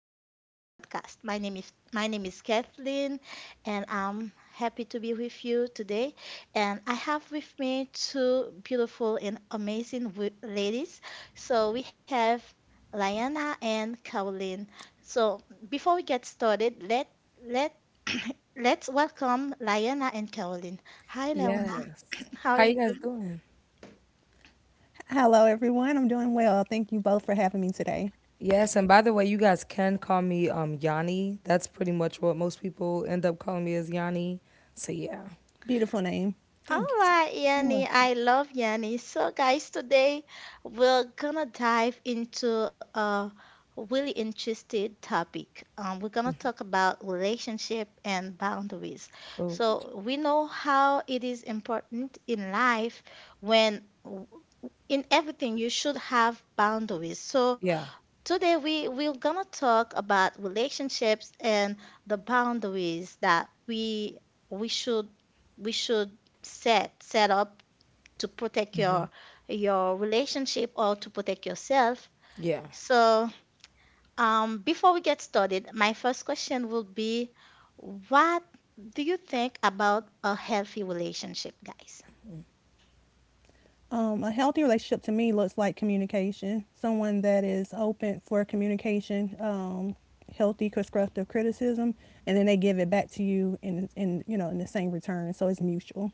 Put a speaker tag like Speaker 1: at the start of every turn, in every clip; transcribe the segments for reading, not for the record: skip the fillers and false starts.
Speaker 1: Sunshine Podcast. My name is Kathleen, and I'm happy to be with you today. And I have with me two beautiful and amazing ladies. So we have Liana and Caroline. So before we get started, let let's welcome Liana and Caroline. Hi, Liana.
Speaker 2: Yes.
Speaker 1: How
Speaker 2: How
Speaker 1: are
Speaker 2: you
Speaker 1: you?
Speaker 2: guys doing?
Speaker 3: Hello, everyone. I'm doing well. Thank you both for having me today.
Speaker 2: Yes, and by the way, you guys can call me Yanni. That's pretty much what most people end up calling me, as Yanni. So yeah.
Speaker 3: Beautiful name.
Speaker 1: All
Speaker 2: Thank you.
Speaker 1: right, Yanni, I love Yanni. So, guys, today we're gonna dive into a really interesting topic. We're gonna talk about relationship and boundaries.
Speaker 2: Oh, good.
Speaker 1: So, we know how it is important in life when in everything you should have boundaries. So,
Speaker 2: Yeah.
Speaker 1: today we're gonna talk about relationships and the boundaries that we should we should set up to protect
Speaker 2: hmm
Speaker 1: your relationship or to protect yourself.
Speaker 2: Yeah.
Speaker 1: So before we get started, my first question will be, what do you think about a healthy relationship, guys?
Speaker 3: A healthy relationship to me looks like communication. Someone that is open for communication, healthy constructive criticism, and then they give it back to you in you know in the same return. So it's mutual.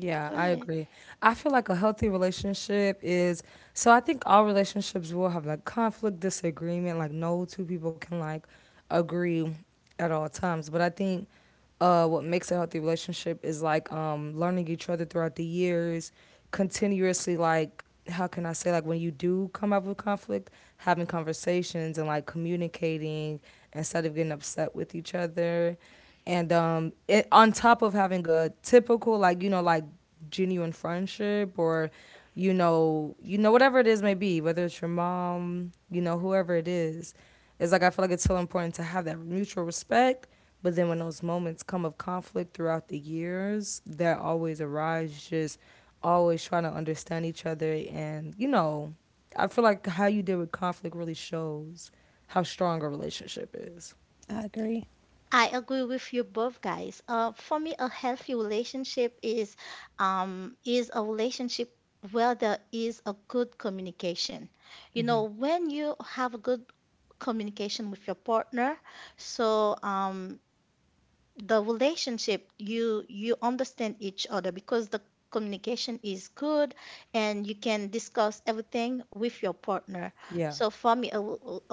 Speaker 2: Yeah,
Speaker 1: Go
Speaker 2: I
Speaker 1: ahead.
Speaker 2: agree. I feel like a healthy relationship is So I think all relationships will have like conflict, disagreement. Like no two people can agree at all times. But I think what makes a healthy relationship is like, learning each other throughout the years, continuously. Like, how can I say, like, when you do come up with conflict, having conversations and like communicating instead of getting upset with each other. And it, on top of having a typical, like, you know, like genuine friendship, or you know, whatever it is may be, whether it's your mom, you know, whoever it is, it's like, I feel like it's so important to have that mutual respect. But then when those moments come of conflict throughout the years, that always arise, just always trying to understand each other. And, you know, I feel like how you deal with conflict really shows how strong a relationship is.
Speaker 3: I agree.
Speaker 1: I agree with you both, guys. For me, a healthy relationship is a relationship where there is a good communication. You know,
Speaker 2: hmm
Speaker 1: when you have a good communication with your partner, so the relationship you you understand each other because the communication is good, and you can discuss everything with your partner.
Speaker 2: Yeah.
Speaker 1: So for me, a,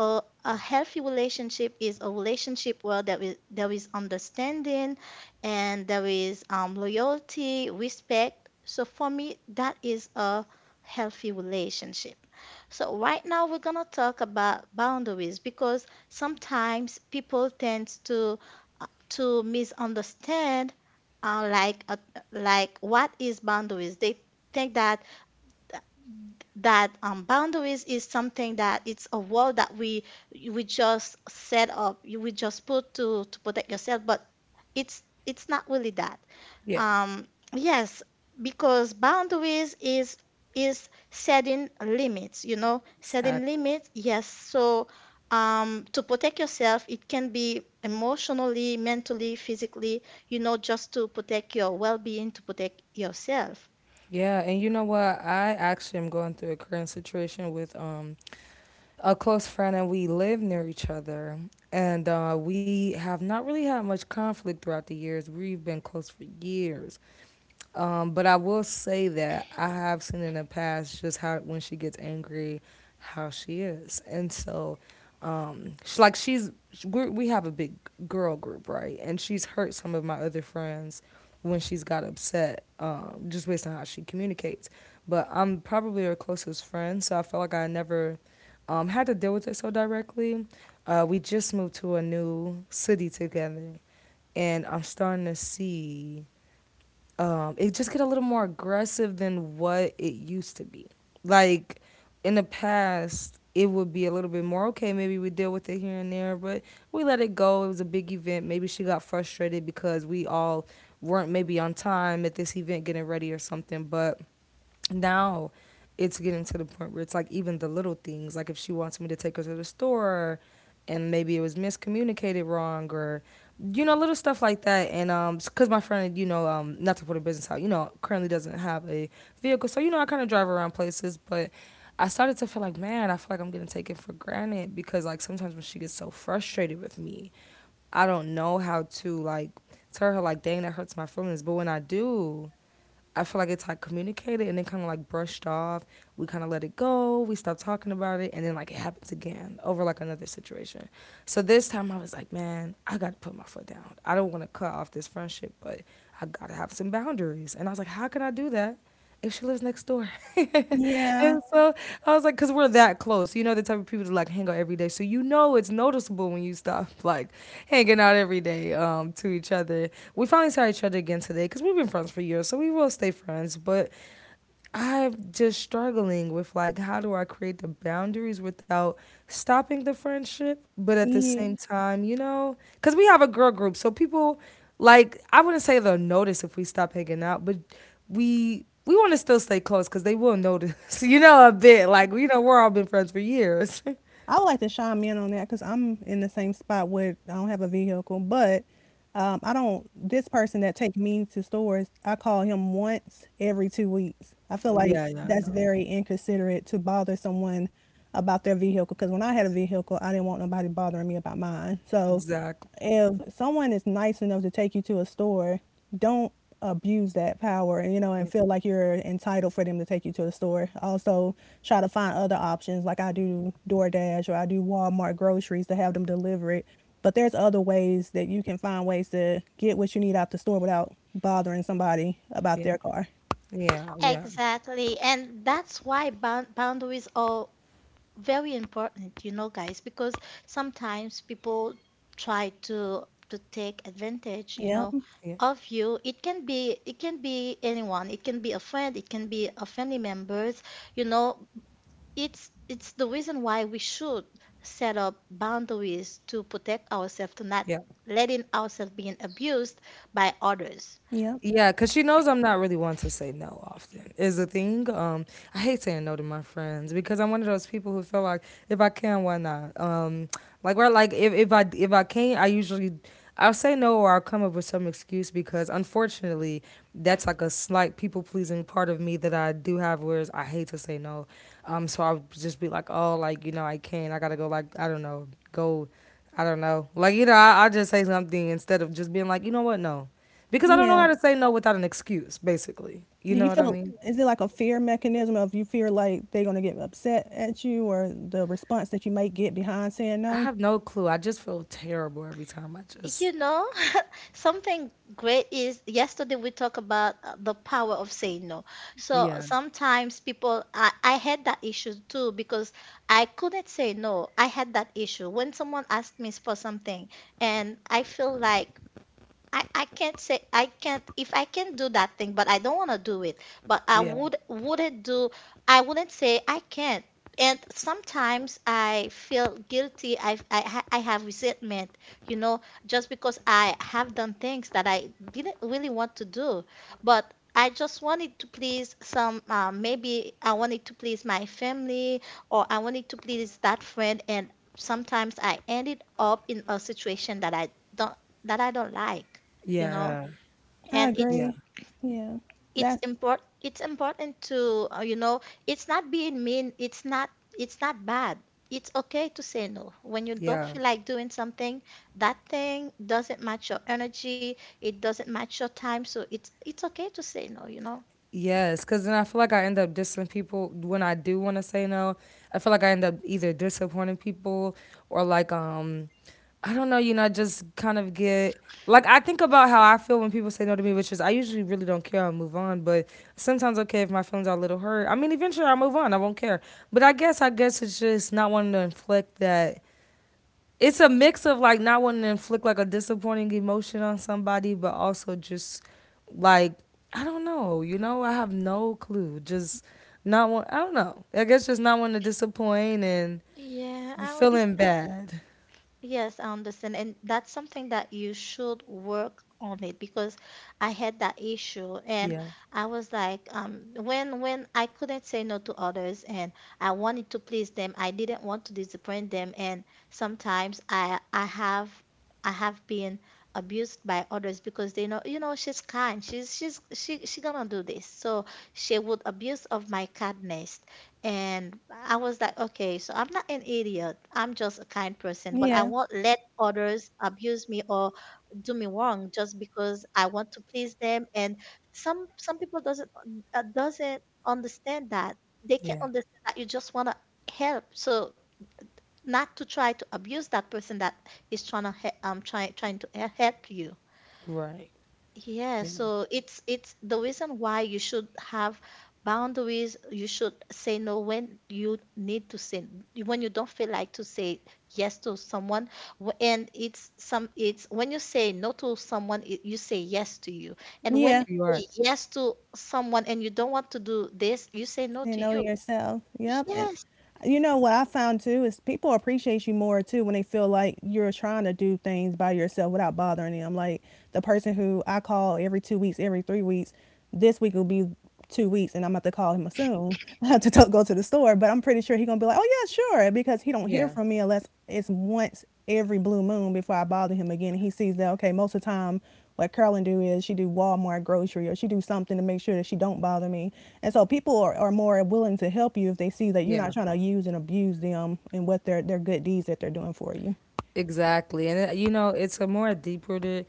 Speaker 1: a, a healthy relationship is a relationship where there is understanding, and there is loyalty, respect. So for me, that is a healthy relationship. So right now we're gonna talk about boundaries, because sometimes people tend uh, to misunderstand uh, like uh, like what is boundaries. They think that boundaries is something that it's a wall that we just set up, you we just put to protect yourself, but it's not really that.
Speaker 2: Yeah.
Speaker 1: Um, yes, because boundaries is setting limits. You know, setting
Speaker 2: Exactly.
Speaker 1: limits. Yes, so. To protect yourself, it can be emotionally, mentally, physically, you know, just to protect your well being, to protect yourself.
Speaker 2: Yeah, and you know what? I actually am going through a current situation with a close friend, and we live near each other, and we have not really had much conflict throughout the years. We've been close for years. But I will say that I have seen in the past just how when she gets angry how she is. And so she, like she's we have a big girl group, right? And she's hurt some of my other friends when she's got upset, just based on how she communicates. But I'm probably her closest friend, so I feel like I never, had to deal with it so directly. We just moved to a new city together, and I'm starting to see, it just get a little more aggressive than what it used to be. Like, in the past, it would be a little bit more okay. Maybe we deal with it here and there, but we let it go. It was a big event. Maybe she got frustrated because we all weren't maybe on time at this event getting ready or something. But now it's getting to the point where it's like even the little things, like if she wants me to take her to the store and maybe it was miscommunicated wrong, or you know, little stuff like that. And because my friend, you know, um, not to put a business out, you know, currently doesn't have a vehicle, so you know, I kind of drive around places. But I started to feel like, man, I feel like I'm getting taken for granted, because like sometimes when she gets so frustrated with me, I don't know how to like tell her, like, dang, that hurts my feelings. But when I do, I feel like it's like communicated and then kind of like brushed off. We kind of let it go. We stopped talking about it. And then like it happens again over like another situation. So this time I was like, man, I got to put my foot down. I don't want to cut off this friendship, but I got to have some boundaries. And I was like, how can I do that if she lives next door?
Speaker 3: Yeah.
Speaker 2: And so I was like, because we're that close. You know, the type of people to like hang out every day. So you know it's noticeable when you stop like hanging out every day, to each other. We finally saw each other again today, because we've been friends for years, so we will stay friends. But I'm just struggling with like, how do I create the boundaries without stopping the friendship? But at the
Speaker 3: Yeah.
Speaker 2: same time, you know, because we have a girl group, so people, like, I wouldn't say they'll notice if we stop hanging out, but we want to still stay close because they will notice, you know, a bit. Like you know, we're all been friends for years.
Speaker 3: I would like to chime in on that because I'm in the same spot where I don't have a vehicle, but I don't. This person that take me to stores, I call him once every 2 weeks. I feel like
Speaker 2: Yeah, yeah,
Speaker 3: that's
Speaker 2: no,
Speaker 3: very inconsiderate to bother someone about their vehicle because when I had a vehicle, I didn't want nobody bothering me about mine. So
Speaker 2: exactly.
Speaker 3: if someone is nice enough to take you to a store, don't abuse that power, and
Speaker 2: Yeah,
Speaker 3: feel like you're entitled for them to take you to the store. Also, try to find other options, like I do DoorDash or I do Walmart groceries to have them deliver it. But there's other ways that you can find ways to get what you need out the store without bothering somebody about
Speaker 2: yeah,
Speaker 3: their car.
Speaker 2: yeah. Yeah.
Speaker 1: Exactly. And that's why boundaries are very important, you know, guys, because sometimes people try to take advantage, you
Speaker 3: Yep.
Speaker 1: know,
Speaker 2: Yeah.
Speaker 1: of you. It can be anyone. It can be a friend, it can be a family members, you know. It's the reason why we should set up boundaries to protect ourselves, to not
Speaker 2: Yeah.
Speaker 1: letting ourselves being abused by others.
Speaker 3: Yep.
Speaker 2: Yeah, cause she knows I'm not really one to say no often is the thing. I hate saying no to my friends because I'm one of those people who feel like if I can, why not? Like we're like if I can't, I usually I'll say no or I'll come up with some excuse, because unfortunately that's like a slight people pleasing part of me that I do have, whereas I hate to say no. So I'll just be like, oh, like you know, I can't, I gotta go. Like, I don't know, go. I don't know. Like you know, I just say something instead of just being like, you know what, no, because I don't know
Speaker 3: Yeah.
Speaker 2: how to say no without an excuse. Basically, you
Speaker 3: Do
Speaker 2: know
Speaker 3: you
Speaker 2: what I
Speaker 3: feel
Speaker 2: mean.
Speaker 3: is it like a fear mechanism of you fear like they're gonna get upset at you or the response that you might get behind saying
Speaker 2: I
Speaker 3: no?
Speaker 2: have no clue. I just feel terrible every time. I just
Speaker 1: You know, something great is yesterday we talked about the power of saying no. So
Speaker 2: yeah,
Speaker 1: sometimes people, I had that issue too, because I couldn't say no. I had that issue when someone asked me for something, and I feel like I can't say I can't if I can do that thing, but I don't want to do it. But I
Speaker 2: yeah,
Speaker 1: would wouldn't do I wouldn't say I can't. And sometimes I feel guilty. I have resentment, you know, just because I have done things that I didn't really want to do, but I just wanted to please some. Maybe I wanted to please my family, or I wanted to please that friend, and sometimes I ended up in a situation that I don't like, you know.
Speaker 2: yeah,
Speaker 3: I
Speaker 1: And
Speaker 2: yeah,
Speaker 3: agree. Yeah.
Speaker 1: it's
Speaker 3: That's
Speaker 1: important, it's important to you know, it's not being mean, it's not bad. It's okay to say no when you don't
Speaker 2: yeah.
Speaker 1: feel like doing something, that thing doesn't match your energy, it doesn't match your time. So it's okay to say no, you know.
Speaker 2: Yes, because then I feel like I end up dissing people when I do want to say no. I feel like I end up either disappointing people, or like, I don't know, you know, I just kind of get like I think about how I feel when people say no to me, which is I usually really don't care. I'll move on. But sometimes, okay, if my feelings are a little hurt. I mean, eventually I'll move on. I won't care. But I guess, it's just not wanting to inflict that. It's a mix of like not wanting to inflict like a disappointing emotion on somebody, but also just, like, I don't know, you know, I have no clue. Just not want I don't know. I guess just not wanting to disappoint and
Speaker 1: Yeah, I
Speaker 2: feeling
Speaker 1: understand.
Speaker 2: bad.
Speaker 1: Yes, I understand. And that's something that you should work on it, because I had that issue, and
Speaker 2: Yeah.
Speaker 1: I was like, when I couldn't say no to others and I wanted to please them, I didn't want to disappoint them. And sometimes I have been abused by others, because they know, you know, she's kind. She gonna do this. So she would abuse of my kindness, and I was like, okay, so I'm not an idiot. I'm just a kind person, but I
Speaker 3: Yeah.
Speaker 1: won't let others abuse me or do me wrong just because I want to please them. And some people doesn't understand that. They can't
Speaker 2: Yeah.
Speaker 1: understand that you just want to help. So not to try to abuse that person that is trying to help you.
Speaker 2: Right.
Speaker 1: Yeah,
Speaker 2: Yeah.
Speaker 1: so it's the reason why you should have boundaries. You should say no when you need to say when you don't feel like to say yes to someone. And it's some it's when you say no to someone, it, you say yes to you. And when you
Speaker 3: Yeah.
Speaker 2: You are.
Speaker 1: say yes to someone and you don't want to do this, you say no
Speaker 3: Say
Speaker 1: to
Speaker 3: know to
Speaker 1: you.
Speaker 3: yourself. Yep, and
Speaker 1: Yes,
Speaker 3: you know what I found too is people appreciate you more too when they feel like you're trying to do things by yourself without bothering them. Like the person who I call every 2 weeks, every 3 weeks, this week will be 2 weeks, and I'm about to call him soon to go to the store. But I'm pretty sure he's gonna be like, "Oh yeah, sure," because he don't hear
Speaker 2: Yeah.
Speaker 3: from me unless it's once every blue moon before I bother him again. And he sees that okay, most of the time what Carolyn do is she do Walmart grocery or she do something to make sure that she don't bother me. And so people are more willing to help you if they see that you're not
Speaker 2: Yeah.
Speaker 3: trying to use and abuse them and what their good deeds that they're doing for you.
Speaker 2: Exactly. And it, you know, it's a more deep rooted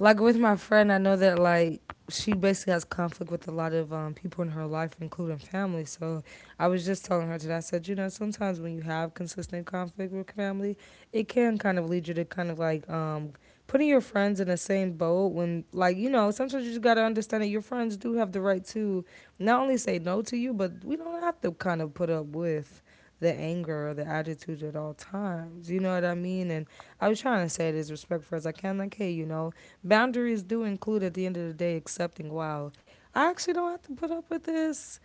Speaker 2: like with my friend, I know that like she basically has conflict with a lot of, people in her life, including family. So I was just telling her today, I said, you know, sometimes when you have consistent conflict with family, it can kind of lead you to kind of like, putting your friends in the same boat. When, like, you know, sometimes you just got to understand that your friends do have the right to not only say no to you, but we don't have to kind of put up with the anger or the attitude at all times. You know what I mean? And I was trying to say it as respectful as I can. Like, hey, you know, boundaries do include at the end of the day accepting, wow, I actually don't have to put up with this.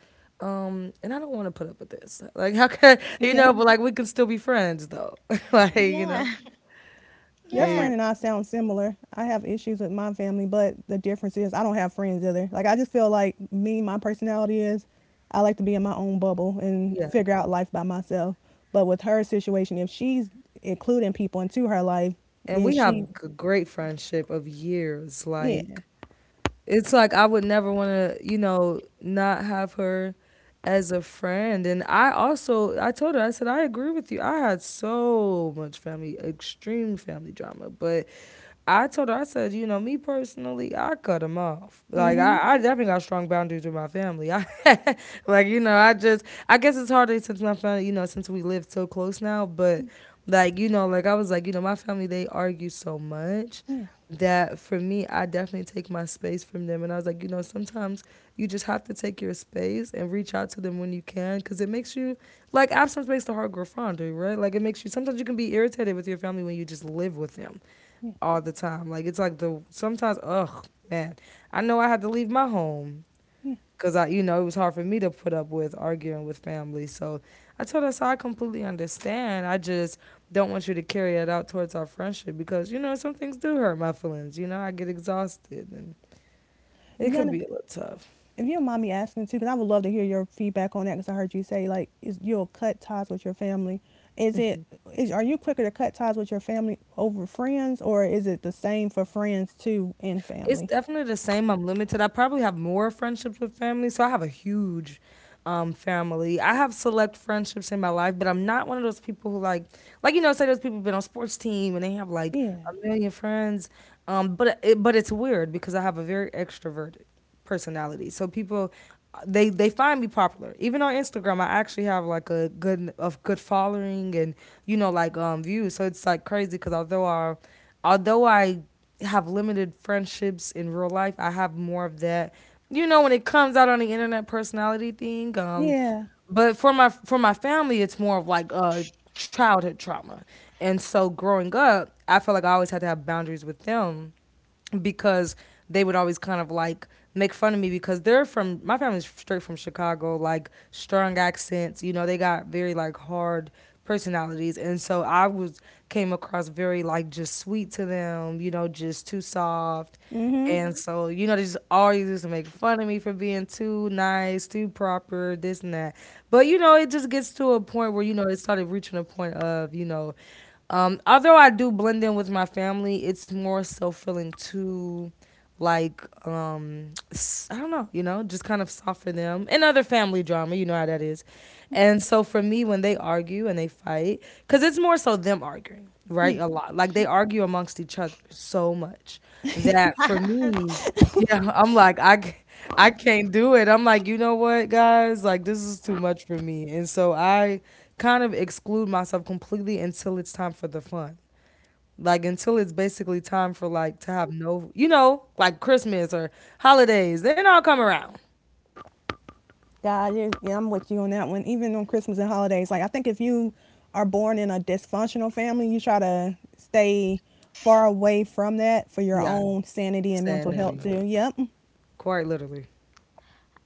Speaker 2: And I don't want to put up with this. Like, how can you
Speaker 3: Yeah.
Speaker 2: know? But like, we can still be friends, though. Like, you know,
Speaker 1: yeah,
Speaker 3: Your
Speaker 1: yeah.
Speaker 2: like,
Speaker 3: friend and I sound similar. I have issues with my family, but the difference is I don't have friends either. Like I just feel like me, my personality is I like to be in my own bubble and
Speaker 2: yeah.
Speaker 3: figure out life by myself. But with her situation, if she's including people into her life,
Speaker 2: And
Speaker 3: then
Speaker 2: we have
Speaker 3: she
Speaker 2: a great friendship of years.
Speaker 3: yeah.
Speaker 2: Like, it's like I would never want to, you know, not have her as a friend. And I also, I told her, I said, I agree with you. I had so much family, extreme family drama. But I told her, I said, you know, me personally, I cut them off. Like,
Speaker 3: Hmm.
Speaker 2: I definitely got strong boundaries with my family. I like you know, I just I guess it's harder since my family, you know, since we live so close now. But like you know, like I was like you know, my family, they argue so much
Speaker 3: Yeah,
Speaker 2: that for me, I definitely take my space from them. And I was like, you know, sometimes you just have to take your space and reach out to them when you can, because it makes you like absence makes the heart grow fonder, right? Like it makes you, sometimes you can be irritated with your family when you just live with them
Speaker 3: yeah,
Speaker 2: all the time. Like, it's like the sometimes ugh, man, I know I had to leave my home
Speaker 3: yeah.
Speaker 2: because I, you know, it was hard for me to put up with arguing with family. So I told her, so I completely understand. I just don't want you to carry it out towards our friendship because, you know, some things do hurt my feelings. You know, I get exhausted and it could
Speaker 3: Yana,
Speaker 2: be a little tough.
Speaker 3: if you don't mind me asking too, because I would love to hear your feedback on that. Because I heard you say like is you'll cut ties with your family. Is it is are you quicker to cut ties with your family over friends, or is it the same for friends too and
Speaker 2: It's
Speaker 3: family?
Speaker 2: definitely the same. I'm limited. I probably have more friendships with family. So I have a huge, family. I have select friendships in my life, but I'm not one of those people who, like you know, say those people been on sports team and they have like
Speaker 3: Yeah,
Speaker 2: a million friends. But it's weird because I have a very extroverted personality, so people they find me popular. Even on Instagram, I actually have like a good following and views. So it's like crazy because although I have limited friendships in real life, I have more of that. You know, when it comes out on the internet personality thing,
Speaker 3: yeah.
Speaker 2: but for my family it's more of like childhood trauma. And so growing up I felt like I always had to have boundaries with them because they would always kind of like make fun of me because they're from, my family's straight from Chicago. Like strong accents, you know, they got very like hard personalities. And so I was, came across very like just sweet to them, you know, just too soft.
Speaker 3: Mm-hmm.
Speaker 2: And so, you know, they just always used to make fun of me for being too nice, too proper, this and that. But, you know, it just gets to a point where, you know, it started reaching a point of, although I do blend in with my family, it's more so feeling too like, I don't know, you know, just kind of soften them and other family drama, you know how that is. And so for me when they argue and they fight, because it's more so them arguing, right? A lot, like they argue amongst each other so much that for me, yeah, I'm like, I can't do it. I'm like, you know what, guys, like this is too much for me. And so I kind of exclude myself completely until it's time for the fun, like until it's basically time for like, to have, no, you know, like Christmas or holidays, then I'll come around.
Speaker 3: God, you yeah, I'm with you on that one. Even on Christmas and holidays, like I think if you are born in a dysfunctional family, you try to stay far away from that for your
Speaker 2: Yeah.
Speaker 3: own sanity and mental health
Speaker 2: Sanity,
Speaker 3: too. Yep.
Speaker 2: quite literally.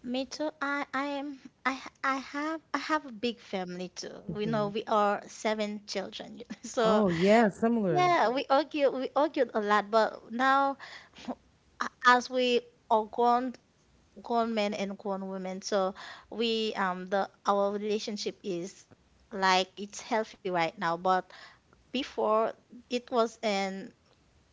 Speaker 1: Me too. I have I have a big family too. We know we are seven children. So
Speaker 2: Oh yeah, similar.
Speaker 1: yeah, we argued a lot, but now as we are grown men and grown women. So we the our relationship is like it's healthy right now. But before it was an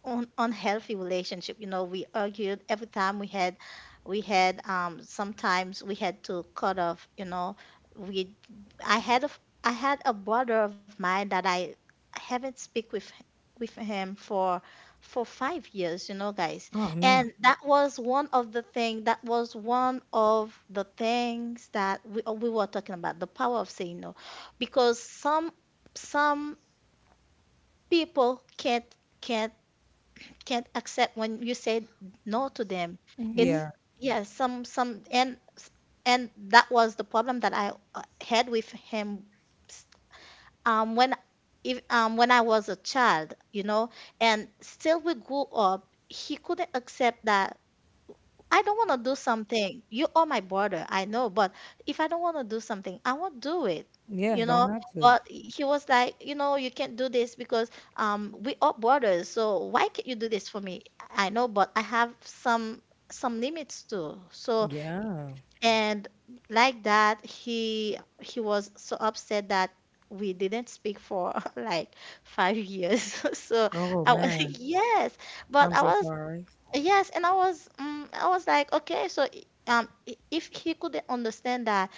Speaker 1: unhealthy relationship, you know, we argued every time we had sometimes we had to cut off, you know. We I had a f- I had a brother of mine that I haven't speak with h- with him for 5 years, you know, guys.
Speaker 2: Oh man.
Speaker 1: And mhm, that was one of the thing that was one of the things that we were talking about, the power of saying no, because some people can't can't accept when you say no to them. It's
Speaker 2: Yeah.
Speaker 1: yeah, some and that was the problem that I had with him. When if When I was a child, you know, and still we grew up, he couldn't accept that I don't want to do something. You are my brother, I know, but if I don't want to do something, I won't do it.
Speaker 2: Yeah,
Speaker 1: You
Speaker 2: don't
Speaker 1: know,
Speaker 2: have to.
Speaker 1: but he was like, you know, you can't do this because we are brothers. So why can't you do this for me? I know, but I have some limits too. So
Speaker 2: Yeah.
Speaker 1: and like that, he was so upset that we didn't speak for like 5 years. So
Speaker 2: Oh
Speaker 1: I was
Speaker 2: man,
Speaker 1: yes,
Speaker 2: I'm
Speaker 1: but I
Speaker 2: so
Speaker 1: was
Speaker 2: sorry.
Speaker 1: yes. And I was like, okay, so if he could understand that,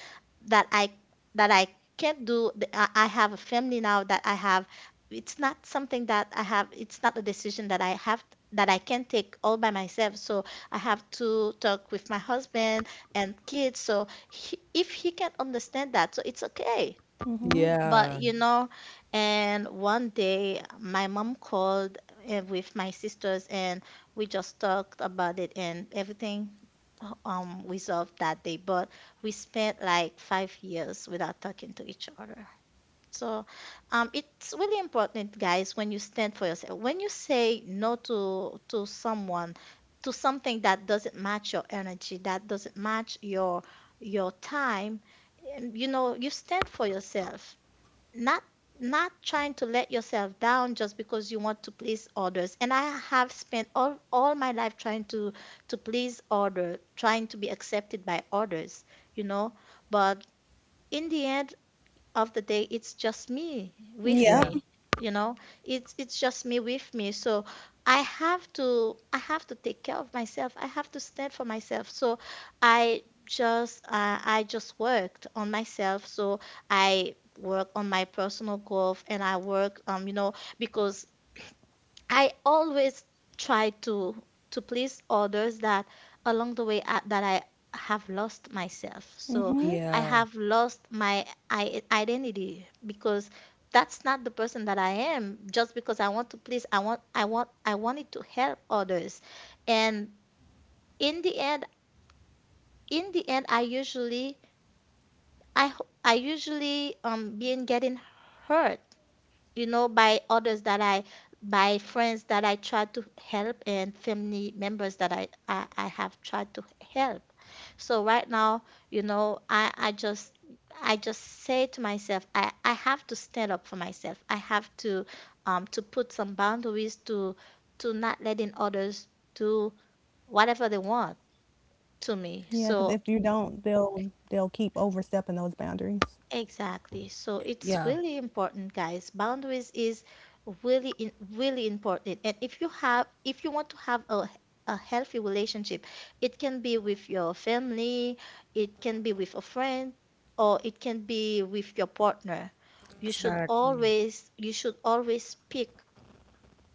Speaker 1: that I, that I can't do, I have a family now that I have, it's not something that I have, it's not a decision that I have, that I can take all by myself. So I have to talk with my husband and kids. So he, if he can understand that, so it's okay.
Speaker 3: Mm-hmm.
Speaker 1: But
Speaker 2: Yeah.
Speaker 1: you know, and one day my mom called, with my sisters, and we just talked about it, and everything resolved that day. But we spent like 5 years without talking to each other. So it's really important, guys, when you stand for yourself. When you say no to to someone, to something that doesn't match your energy, that doesn't match your time, you know, you stand for yourself, not not trying to let yourself down just because you want to please others. And I have spent all my life trying to please others, trying to be accepted by others, you know. But in the end of the day, it's just me with
Speaker 2: Yeah.
Speaker 3: Yep.
Speaker 1: me, you know, it's just me with me. So I have to take care of myself, I have to stand for myself. So I just I just worked on myself. So I work on my personal growth and I work, you know, because I always try to please others, that along the way that I have lost myself. So
Speaker 3: Mm-hmm.
Speaker 1: I
Speaker 2: Yeah.
Speaker 1: have lost my identity, because that's not the person that I am just because I want to please. I wanted to help others. And in the end in the end I usually I usually being getting hurt, you know, by others by friends that I try to help and family members that I have tried to help. So right now, you know, I just say to myself, I have to stand up for myself. I have to put some boundaries to not letting others do whatever they want to
Speaker 3: Yeah, because
Speaker 1: me.
Speaker 3: if you
Speaker 1: So
Speaker 3: don't, they'll keep overstepping those boundaries.
Speaker 1: exactly. So it's
Speaker 2: Yeah.
Speaker 1: really important, guys. Boundaries is really important. And if you want to have a healthy relationship, it can be with your family, it can be with a friend, or it can be with your partner. You should
Speaker 2: Exactly.
Speaker 1: always you should always pick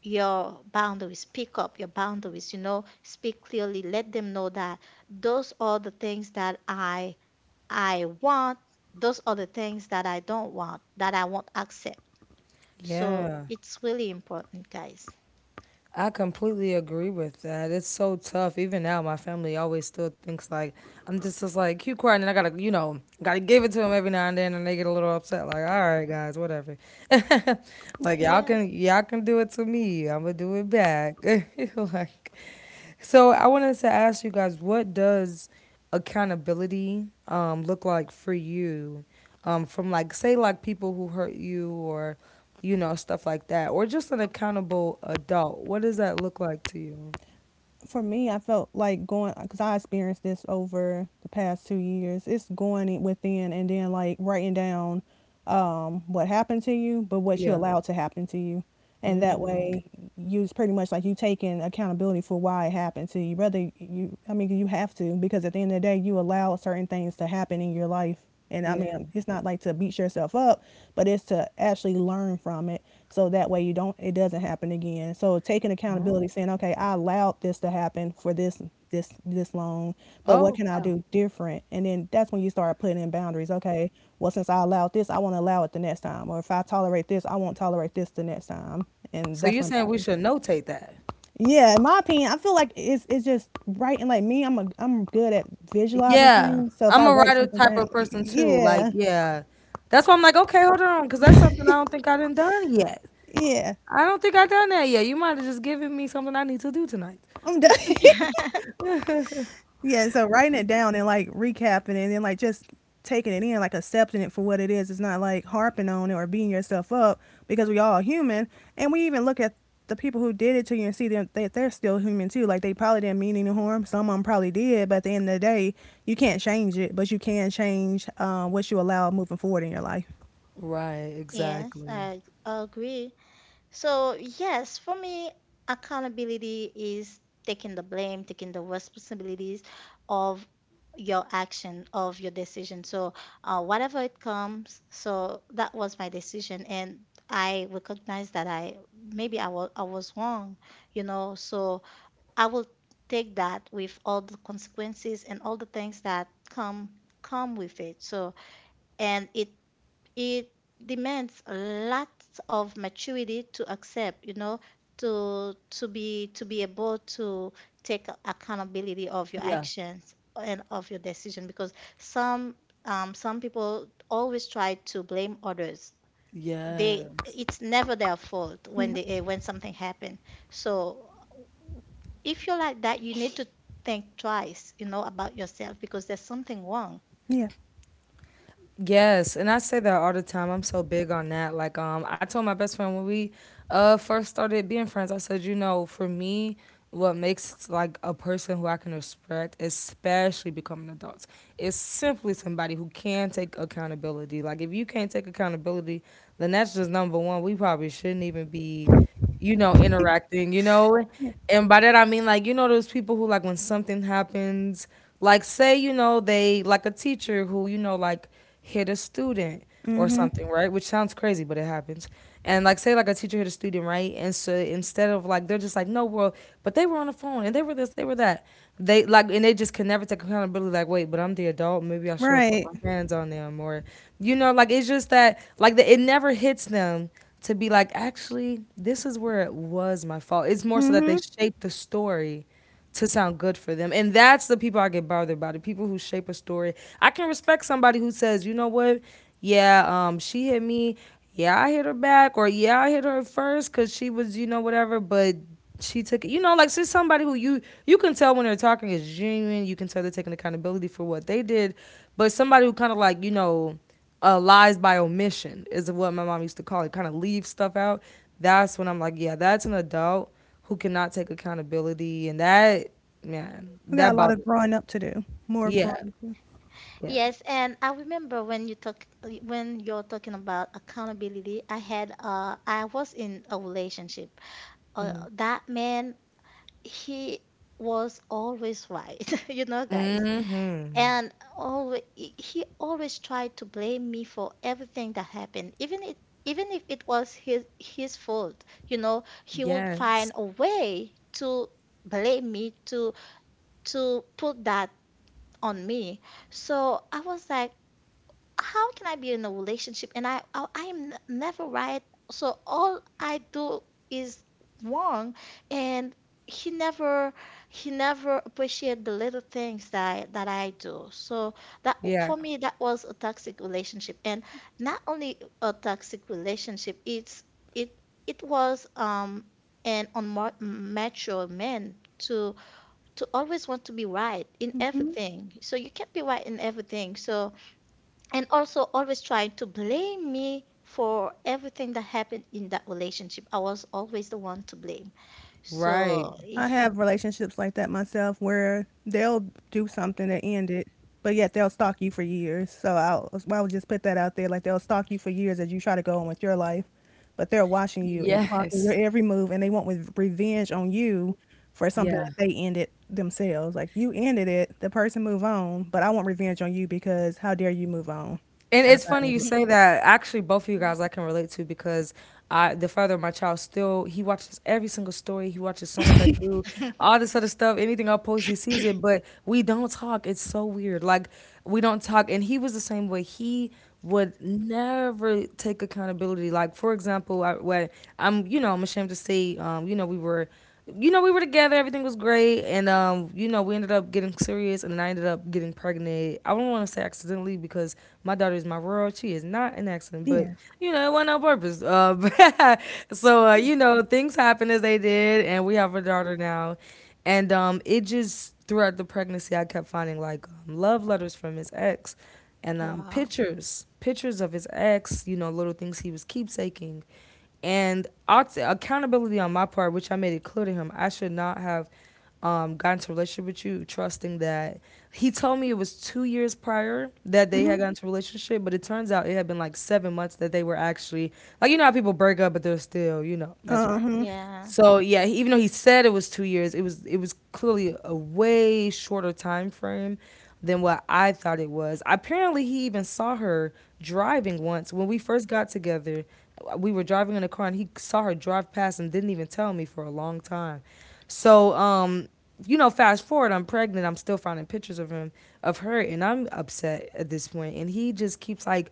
Speaker 1: your boundaries, you know, speak clearly, let them know that those are the things that I want, those are the things that I don't want, that I won't accept. So
Speaker 2: Yeah,
Speaker 1: it's really important, guys.
Speaker 2: I completely agree with that. It's so tough. Even now, my family always still thinks like I'm just like keep quiet, and I gotta, you know, gotta give it to them every now and then, and they get a little upset. Like, all right, guys, whatever. Like, y'all
Speaker 1: Yeah,
Speaker 2: can y'all can do it to me, I'm gonna do it back. Like, so I wanted to ask you guys, what does accountability look like for you? From like, say, like people who hurt you, or you know, stuff like that, or just an accountable adult. What does that look like to you?
Speaker 3: For me, I felt like going because I experienced this over the past 2 years. It's going within and then like writing down, what happened to you, but what you
Speaker 2: Yeah.
Speaker 3: allowed to happen to you, and that
Speaker 2: Mm, okay.
Speaker 3: way you it's pretty much like you taking accountability for why it happened to you. Rather you, I mean, you have to because at the end of the day, you allow certain things to happen in your life. And I
Speaker 2: Yeah.
Speaker 3: mean, it's not like to beat yourself up, but it's to actually learn from it so that way you don't it doesn't happen again. So taking
Speaker 2: Oh.
Speaker 3: accountability, saying, "Okay, I allowed this to happen for this long, but what
Speaker 2: Oh,
Speaker 3: can I
Speaker 2: wow.
Speaker 3: do different?" And then that's when you start putting in boundaries. Okay, well since I allowed this, I won't allow it the next time, or if I tolerate this, I won't tolerate this the next time. And
Speaker 2: So
Speaker 3: that's
Speaker 2: you're
Speaker 3: when
Speaker 2: saying we
Speaker 3: boundaries.
Speaker 2: should notate that?
Speaker 3: Yeah, in my opinion, I feel like it's just writing. Like me, I'm good at visualizing
Speaker 2: Yeah,
Speaker 3: things. So if
Speaker 2: I'm
Speaker 3: I
Speaker 2: a
Speaker 3: write
Speaker 2: writer
Speaker 3: something
Speaker 2: type
Speaker 3: down,
Speaker 2: of person too. Like,
Speaker 3: yeah.
Speaker 2: yeah. That's why I'm like, okay, hold on, because that's something I don't think I done yet.
Speaker 3: Yeah.
Speaker 2: I don't think I done that yet. You might have just given me something I need to do tonight.
Speaker 3: I'm done. Yeah, so writing it down and like recapping it and then like just taking it in, like accepting it for what it is. It's not like harping on it or beating yourself up because we all human. And we even look at the people who did it to you and see them that they're still human too. Like they probably didn't mean any harm. Some of them probably did, but at the end of the day, you can't change it, but you can change what you allow moving forward in your life.
Speaker 2: Right,
Speaker 1: yes,
Speaker 2: exactly.
Speaker 1: I agree. So, yes, for me, accountability is taking the blame, taking the responsibilities of your action, of your decision. So, whatever it comes, so that was my decision. And I recognize that I maybe I was wrong, So I will take that with all the consequences and all the things that come with it. So, and it demands lots of maturity to accept, to be able to take accountability of your
Speaker 2: Yeah.
Speaker 1: actions and of your decision because some some people always try to blame others. They
Speaker 2: Yes.
Speaker 1: it's never their fault when
Speaker 3: Yeah.
Speaker 1: they eh, when something happened. So if you're like that, you need to think twice, about yourself because there's something wrong.
Speaker 3: Yeah.
Speaker 2: Yes, and I say that all the time. I'm so big on that. Like, I told my best friend when we first started being friends, I said, you know, for me, what makes like a person who I can respect, especially becoming adults, is simply somebody who can take accountability. Like, if you can't take accountability, then that's just number one. We probably shouldn't even be, you know, interacting, you know?
Speaker 3: Yeah.
Speaker 2: And by that I mean like, you know, those people who like when something happens, like say, you know, they like a teacher who, you know, like hit a student or
Speaker 3: Mhm.
Speaker 2: something, right? Which sounds crazy, but it happens. And like say like a teacher hit a student, right? And so instead of like they're just like, no, well, but they were on the phone and they were this, they were that. They like, and they just can never take accountability. Like, wait, but I'm the adult, maybe I shouldn't put
Speaker 3: Right.
Speaker 2: my hands on them, or you know, like it's just that like the, it never hits them to be like, actually, this is where it was my fault. It's more so that they
Speaker 3: Mhm.
Speaker 2: shape the story to sound good for them. And that's the people I get bothered by, the people who shape a story. I can respect somebody who says, you know what? Yeah, she hit me. Yeah, I hit her back. Or yeah, I hit her first because she was, you know, whatever. But she took it. You know, like she's somebody who you can tell when they're talking is genuine. You can tell they're taking accountability for what they did. But somebody who kind of like, you know, lies by omission is what my mom used to call it. Kind of leave stuff out. That's when I'm like, yeah, that's an adult who cannot take accountability, and that, man,
Speaker 3: We got
Speaker 2: that
Speaker 3: a lot
Speaker 2: bothers.
Speaker 3: of growing up to do. More
Speaker 2: Yeah,
Speaker 3: growing up. Mm-hmm.
Speaker 2: yeah.
Speaker 1: Yes, and I remember when you talk when you're talking about accountability, I had I was in a relationship. Uh,
Speaker 2: Mm-hmm.
Speaker 1: that man, he was always right. You know, guys.
Speaker 2: Mm-hmm.
Speaker 1: And always he always tried to blame me for everything that happened, even if it was his fault. He would
Speaker 2: Yes.
Speaker 1: find a way to blame me, to put that on me. So I was like, how can I be in a relationship and I'm never right? So all I do is wrong, and he never he never appreciate the little things that I do. So, that
Speaker 2: Yeah.
Speaker 1: for me that was a toxic relationship, and not only a toxic relationship, it it was an unmature man to always want to be right in everything. So you can't be right in everything. So, and also always trying to blame me for everything that happened in that relationship. I was always the one to blame.
Speaker 2: Right.
Speaker 1: So,
Speaker 3: I
Speaker 1: he,
Speaker 3: have relationships like that myself where they'll do something to end it, but yet they'll stalk you for years. So I would just put that out there. Like they'll stalk you for years as you try to go on with your life, but they're watching you and clocking your
Speaker 2: Yes.
Speaker 3: every move and they want with revenge on you for something
Speaker 2: Yeah.
Speaker 3: that they ended themselves. Like you ended it, the person move on, but I want revenge on you because how dare you move on
Speaker 2: And it's
Speaker 3: after I
Speaker 2: funny you
Speaker 3: ended.
Speaker 2: say that. Actually, both of you guys I can relate to because I, the father of my child, still he watches every single story. He watches so much I do, all this other stuff. Anything I post, he sees it. But we don't talk. It's so weird. Like, we don't talk. And he was the same way. He would never take accountability. Like, for example, I, when I'm, you know, I'm ashamed to say, you know, we were together, everything was great, and you know, we ended up getting serious, and then I ended up getting pregnant. I don't want to say accidentally, because my daughter is my world; she is not an
Speaker 3: Yeah.
Speaker 2: accident, but you know, it wasn't on purpose. But- so you know, things happen as they did, and we have a daughter now, and it just throughout the pregnancy, I kept finding like love letters from his ex, and
Speaker 1: wow.
Speaker 2: pictures, pictures of his ex, you know, little things he was keepsaking. And also accountability on my part, which I made it clear to him, I should not have gotten into a relationship with you, trusting that he told me it was 2 years prior that they
Speaker 3: Mm-hmm.
Speaker 2: had gotten into a relationship, but it turns out it had been like 7 months that they were actually, like, you know how people break up, but they're still, you know, messing around.
Speaker 3: Uh-huh.
Speaker 1: Yeah.
Speaker 2: So yeah, he- even though he said it was 2 years, it was clearly a way shorter time frame than what I thought it was. Apparently, he even saw her driving once when we first got together. We were driving in a car, and he saw her drive past and didn't even tell me for a long time. So you know, fast forward, I'm pregnant. I'm still finding pictures of him, of her, and I'm upset at this point. And he just keeps like,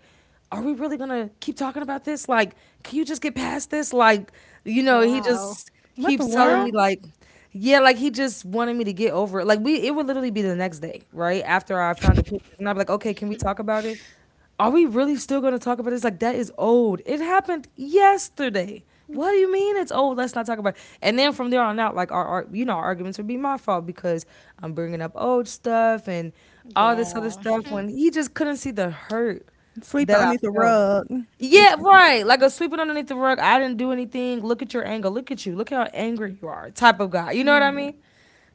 Speaker 2: are we really gonna keep talking about this? Like, can you just get past this? Like, you know, he
Speaker 1: Wow.
Speaker 2: just
Speaker 3: What the
Speaker 2: keeps telling me
Speaker 1: Yeah.
Speaker 3: world?
Speaker 2: like, yeah, like he just wanted me to get over it. Like we, it would literally be the next day, right after I found the pictures, and I'm like, okay, can we talk about it? Are we really still gonna talk about this? Like, that is old. It happened yesterday. What do you mean it's old? Let's not talk about it. And then from there on out, like our you know, our arguments would be my fault because I'm bringing up old stuff and all this other
Speaker 1: Yeah.
Speaker 2: stuff, when he just couldn't see the hurt
Speaker 3: Sweep it
Speaker 2: that I
Speaker 3: underneath the
Speaker 2: felt.
Speaker 3: rug. They
Speaker 2: Yeah,
Speaker 3: sweep it.
Speaker 2: right. Like a sweeping underneath the rug. I didn't do anything. Look at your anger. Look at you. Look how angry you are. Type of guy. You know what I mean?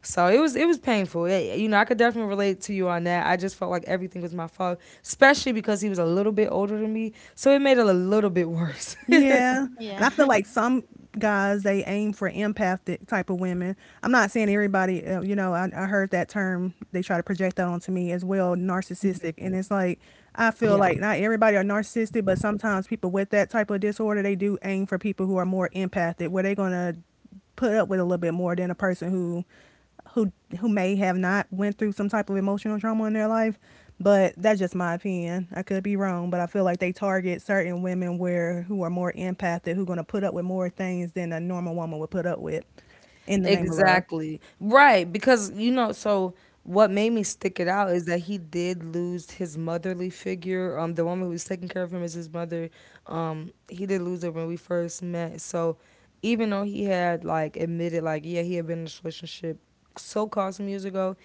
Speaker 2: So it was, it was painful. Yeah, yeah, you know, I could definitely relate to you on that. I just felt like everything was my fault, especially because he was a little bit older than me. So it made it a little bit worse.
Speaker 3: Yeah. And
Speaker 1: Yeah.
Speaker 3: I feel like some guys, they aim for empathic type of women. I'm not saying everybody, I heard that term, they try to project that onto me as well, narcissistic. And it's like, I feel
Speaker 2: Yeah.
Speaker 3: like not everybody are narcissistic, but sometimes people with that type of disorder, they do aim for people who are more empathic, where they're going to put up with a little bit more than a person who who may have not went through some type of emotional trauma in their life, but that's just my opinion. I could be wrong, but I feel like they target certain women where who are more empathic who going to put up with more things than a normal woman would put up with in the name of love.
Speaker 2: Exactly. Right. Because, you know, so what made me stick it out is that he did lose his motherly figure. The woman who was taking care of him is his mother. He did lose her when we first met. So even though he had like admitted like, yeah, he had been in this relationship so called some years ago,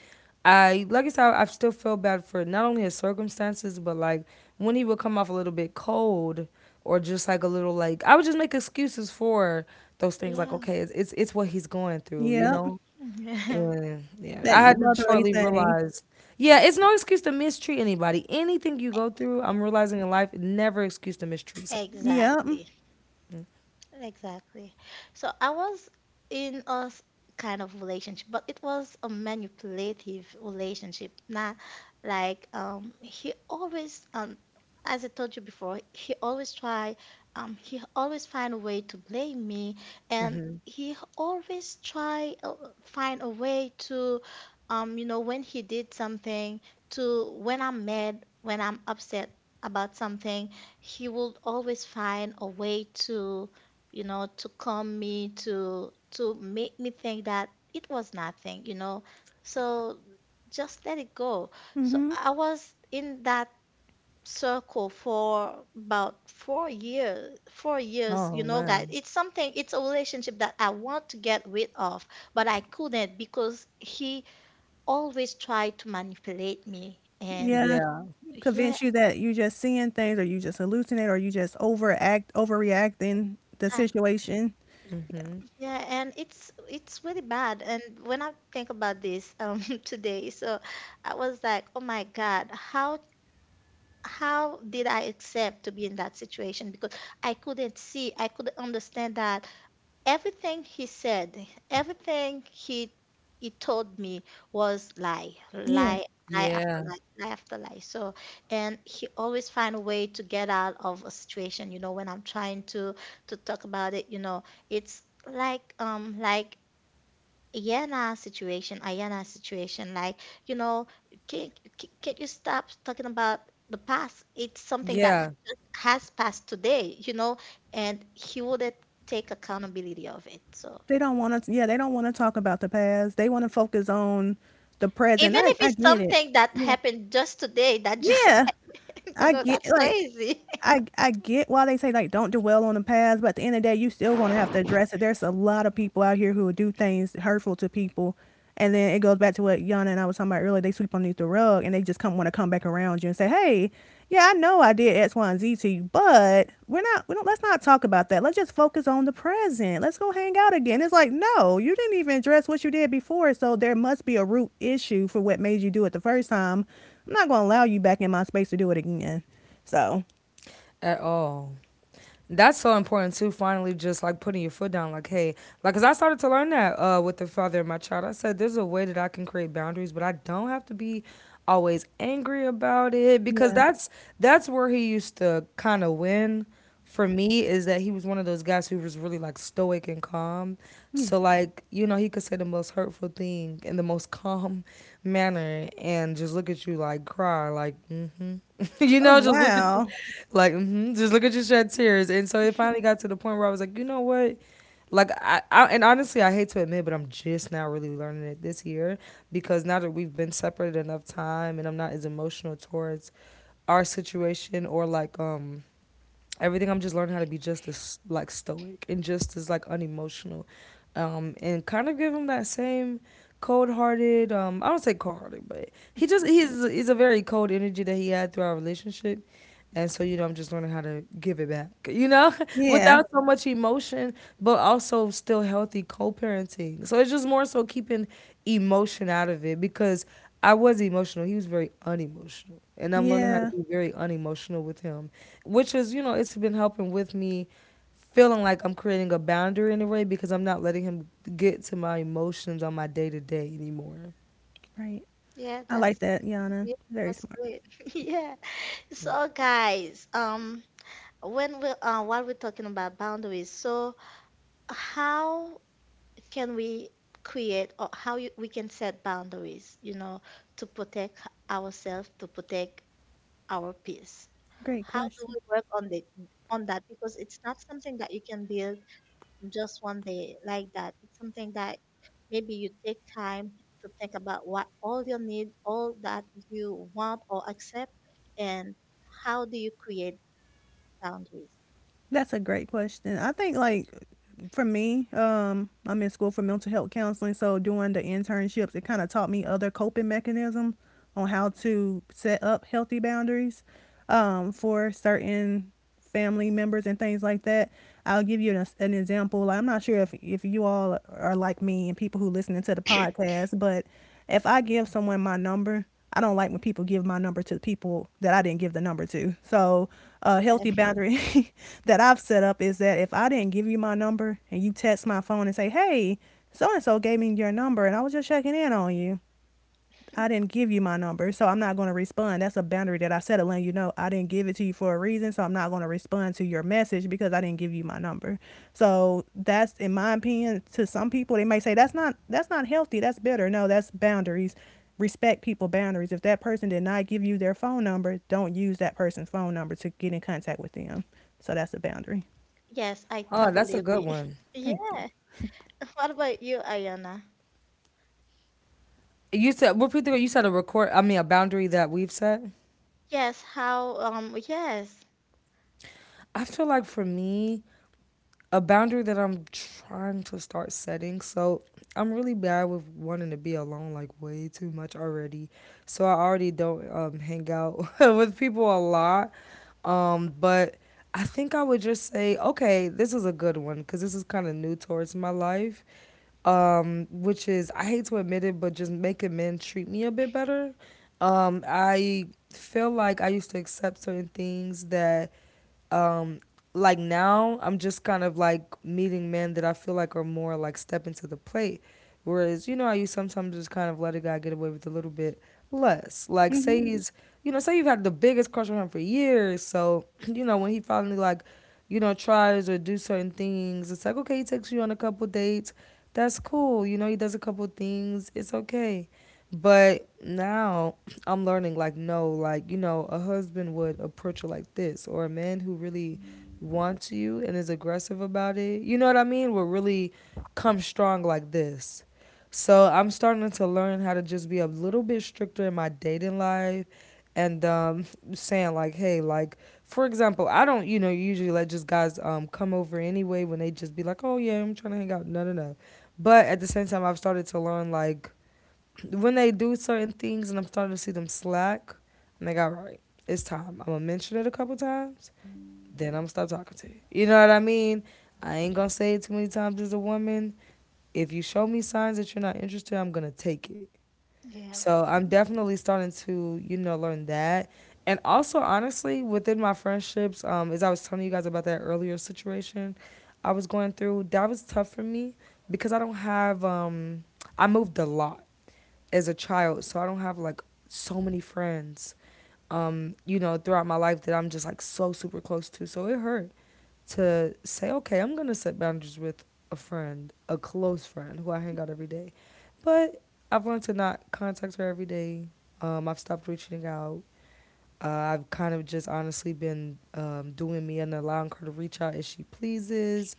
Speaker 2: I, like I said, I still feel bad for not only his circumstances, but like when he would come off a little bit cold or just like a little, like I would just make excuses for those things. Like,
Speaker 1: Yeah.
Speaker 2: okay, it's it's what he's going through, you
Speaker 3: Yep.
Speaker 2: know. And yeah,
Speaker 3: That
Speaker 2: I had to
Speaker 3: motherly
Speaker 2: shortly
Speaker 3: thing.
Speaker 2: realize, yeah, it's no excuse to mistreat anybody. Anything you go through, I'm realizing in life, never excuse to mistreat someone.
Speaker 3: Yep.
Speaker 1: Exactly. Exactly. So I was in a kind of relationship, but it was a manipulative relationship. Not like he always as I told you before, he always find a way to blame me, and
Speaker 2: hmm
Speaker 1: he always try find a way to. When he did something, to when I'm mad, when I'm upset about something, he would always find a way to calm me, to make me think that it was nothing. So just let it go. So
Speaker 3: Mhm.
Speaker 1: I was in that circle for about 4 years, 4 years, you
Speaker 2: Oh
Speaker 1: know, guys.
Speaker 2: man,
Speaker 1: It's something, it's a relationship that I want to get rid of, but I couldn't because he always tried to manipulate me. And
Speaker 3: Yeah.
Speaker 2: yeah,
Speaker 1: yeah.
Speaker 3: Convince you that you just seeing things or you just hallucinate or you just overact overreacting the situation.
Speaker 2: hmm
Speaker 1: Yeah, and it's really bad. And when I think about this today. So I was like, oh my God, how did I accept to be in that situation? Because I couldn't see, I couldn't understand that everything he said, everything he told me was lie,
Speaker 3: Yeah.
Speaker 1: lie, lie after
Speaker 2: yeah,
Speaker 1: lie, lie after lie. So, and he always find a way to get out of a situation. You know, when I'm trying to talk about it, you know, it's like Ayan na situation, ayan na situation. Like, you know, can, can you stop talking about the past? It's something that
Speaker 2: yeah,
Speaker 1: has passed today, and he wouldn't take accountability of it. So
Speaker 3: They don't want to. Yeah, they don't want to talk about the past. They want to focus on the present.
Speaker 1: even
Speaker 3: I
Speaker 1: if
Speaker 3: I
Speaker 1: it's
Speaker 3: get it.
Speaker 1: something that
Speaker 3: Yeah,
Speaker 1: happened just today,
Speaker 3: yeah, I get
Speaker 1: that's
Speaker 3: like
Speaker 1: crazy.
Speaker 3: I get why they say like don't dwell on the past, but at the end of the day, you still gonna have to address it. There's a lot of people out here who will do things hurtful to people, and then it goes back to what Yana and I was talking about earlier. They sweep underneath the rug, and they just come want to come back around you and say, "Hey, yeah, I know I did X, Y, and Z to you, but we're not. We don't. Let's not talk about that. Let's just focus on the present. Let's go hang out again." It's like, no, you didn't even address what you did before, so there must be a root issue for what made you do it the first time. I'm not gonna allow you back in my space to do it again. So
Speaker 2: at all. That's so important too. Finally, just like putting your foot down, like, hey, like, cause I started to learn that with the father of my child. I said, there's a way that I can create boundaries, but I don't have to be always angry about it because
Speaker 3: Yeah,
Speaker 2: that's where he used to kind of win for me is that he was one of those guys who was really like stoic and calm.
Speaker 3: yeah.
Speaker 2: So like, you know, he could say the most hurtful thing in the most calm manner and just look at you like cry like, mm-hmm. You
Speaker 3: Oh,
Speaker 2: know, just look at
Speaker 3: wow.
Speaker 2: like, mm-hmm, just look at you shed tears. And so it finally got to the point where I was like, you know what? Like I and honestly I hate to admit, but I'm just now really learning it this year because now that we've been separated enough time and I'm not as emotional towards our situation or like everything. I'm just learning how to be just as like stoic and just as like unemotional, and kind of give him that same cold-hearted, I don't say cold-hearted, but he just he's a very cold energy that he had through our relationship. And so, you know, I'm just learning how to give it back, you know,
Speaker 3: Yeah,
Speaker 2: without so much emotion, but also still healthy co-parenting. So it's just more so keeping emotion out of it because I was emotional, he was very unemotional, and I'm learning how to
Speaker 3: yeah,
Speaker 2: be very unemotional with him, which is, you know, it's been helping with me feeling like I'm creating a boundary in a way because I'm not letting him get to my emotions on my day to day anymore.
Speaker 3: right.
Speaker 1: Yeah,
Speaker 3: I like that, Yana.
Speaker 1: yeah,
Speaker 3: Very
Speaker 1: that's
Speaker 3: smart.
Speaker 1: great. Yeah. So guys, when we while we're talking about boundaries, so how can we create, or we can set boundaries, to protect ourselves, to protect our peace?
Speaker 3: Great
Speaker 1: How do
Speaker 3: question.
Speaker 1: we work on the on that? Because it's not something that you can build just one day like that. It's something that maybe you take time to think about what all you need, all that you want or accept, and how do you create boundaries?
Speaker 3: That's a great question. I think like for me, I'm in school for mental health counseling, so doing the internships, it kind of taught me other coping mechanisms on how to set up healthy boundaries, for certain family members and things like that. I'll give you an example. Like, I'm not sure if you all are like me and people who listening to the podcast, but if I give someone my number, I don't like when people give my number to people that I didn't give the number to. So, a
Speaker 1: Yeah.
Speaker 3: healthy boundary that I've set up is that if I didn't give you my number and you text my phone and say, "Hey, so and so gave me your number and I was just checking in on you." I didn't give you my number, so I'm not going to respond. That's a boundary that I set of letting you know I didn't give it to you for a reason, so I'm not going to respond to your message because I didn't give you my number. So that's in my opinion. To some people, they may say that's not healthy, that's bitter. No, that's boundaries. Respect people boundaries. If that person did not give you their phone number, don't use that person's phone number to get in contact with them. So that's a boundary.
Speaker 1: Yes, I
Speaker 2: Oh,
Speaker 1: totally
Speaker 2: that's a good
Speaker 1: agree.
Speaker 2: one.
Speaker 3: Thank you.
Speaker 1: Yeah. What about you, Ayana?
Speaker 2: You said repeat the you said a record. I mean a boundary that we've set.
Speaker 1: Yes, how, um, yes,
Speaker 2: I feel like for me a boundary that I'm trying to start setting. So I'm really bad with wanting to be alone like way too much already. So I already don't hang out with people a lot. But I think I would just say, okay, this is a good one because this is kind of new towards my life, which is I hate to admit it, but just making men treat me a bit better. I feel like I used to accept certain things that like now I'm just kind of like meeting men that I feel like are more like stepping to the plate. Whereas, you know, I used sometimes just kind of let a guy get away with a little bit less. Like
Speaker 3: Mm-hmm.
Speaker 2: say he's, you know, say you've had the biggest crush on him for years. So, you know, when he finally like, you know, tries or do certain things, it's like, okay, he takes you on a couple dates. That's cool. You know, he does a couple things. It's okay. But now I'm learning like no, like, you know, a husband would approach her like this, or a man who really wants you and is aggressive about it, you know what I mean, will really come strong like this. So I'm starting to learn how to just be a little bit stricter in my dating life and, saying like, hey, like for example, I don't, you know, usually let just guys come over anyway when they just be like, oh yeah, I'm trying to hang out. No, no, no. But at the same time, I've started to learn like when they do certain things and I'm starting to see them slack, I'm like, all right, it's time. I'm gonna mention it a couple times then I'm gonna stop talking to you. You know what I mean? I ain't gonna say it too many times as a woman. If you show me signs that you're not interested, I'm gonna take it.
Speaker 1: yeah,
Speaker 2: So I'm definitely starting to, you know, learn that. And also, honestly, within my friendships, as I was telling you guys about that earlier situation I was going through, that was tough for me because I don't have, I moved a lot as a child, so I don't have like so many friends, you know, throughout my life that I'm just like so super close to. So it hurt to say, okay, I'm going to set boundaries with a friend, a close friend who I hang out every day. But I've learned to not contact her every day. I've stopped reaching out. I've kind of just honestly been doing me and allowing her to reach out as she pleases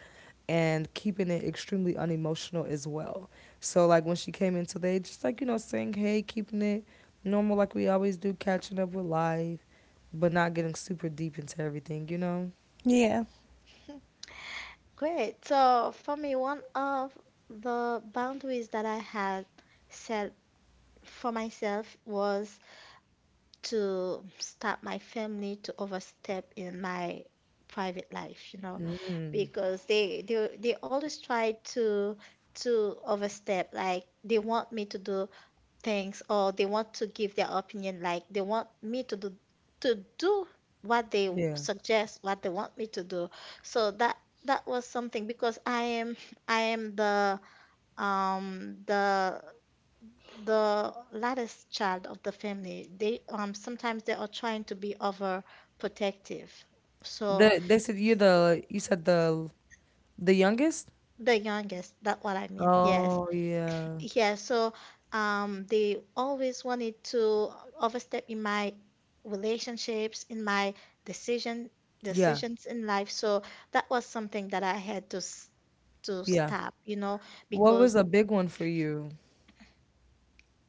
Speaker 2: and keeping it extremely unemotional as well. So, like, when she came in today, just like, you know, saying, hey, keeping it normal like we always do, catching up with life, but not getting super deep into everything, you know?
Speaker 3: Yeah.
Speaker 1: great. So for me, one of the boundaries that I had set for myself was to stop my family to overstep in my private life, you know,
Speaker 2: Mm.
Speaker 1: because they always try to overstep. Like, they want me to do things, or they want to give their opinion, like they want me to do, to do what they
Speaker 2: Yeah.
Speaker 1: suggest, what they want me to do. So that was something because I am the um the latest child of the family. They um sometimes they are trying to be overprotective. So
Speaker 2: The they said you're the you said the youngest?
Speaker 1: the youngest, that what I mean, yes.
Speaker 2: Oh yeah.
Speaker 1: Yeah, so they always wanted to overstep in my relationships, in my decision
Speaker 2: Yeah.
Speaker 1: decisions in life. So that was something that I had to
Speaker 2: Yeah.
Speaker 1: stop,
Speaker 2: What was
Speaker 1: because
Speaker 2: a big one for you?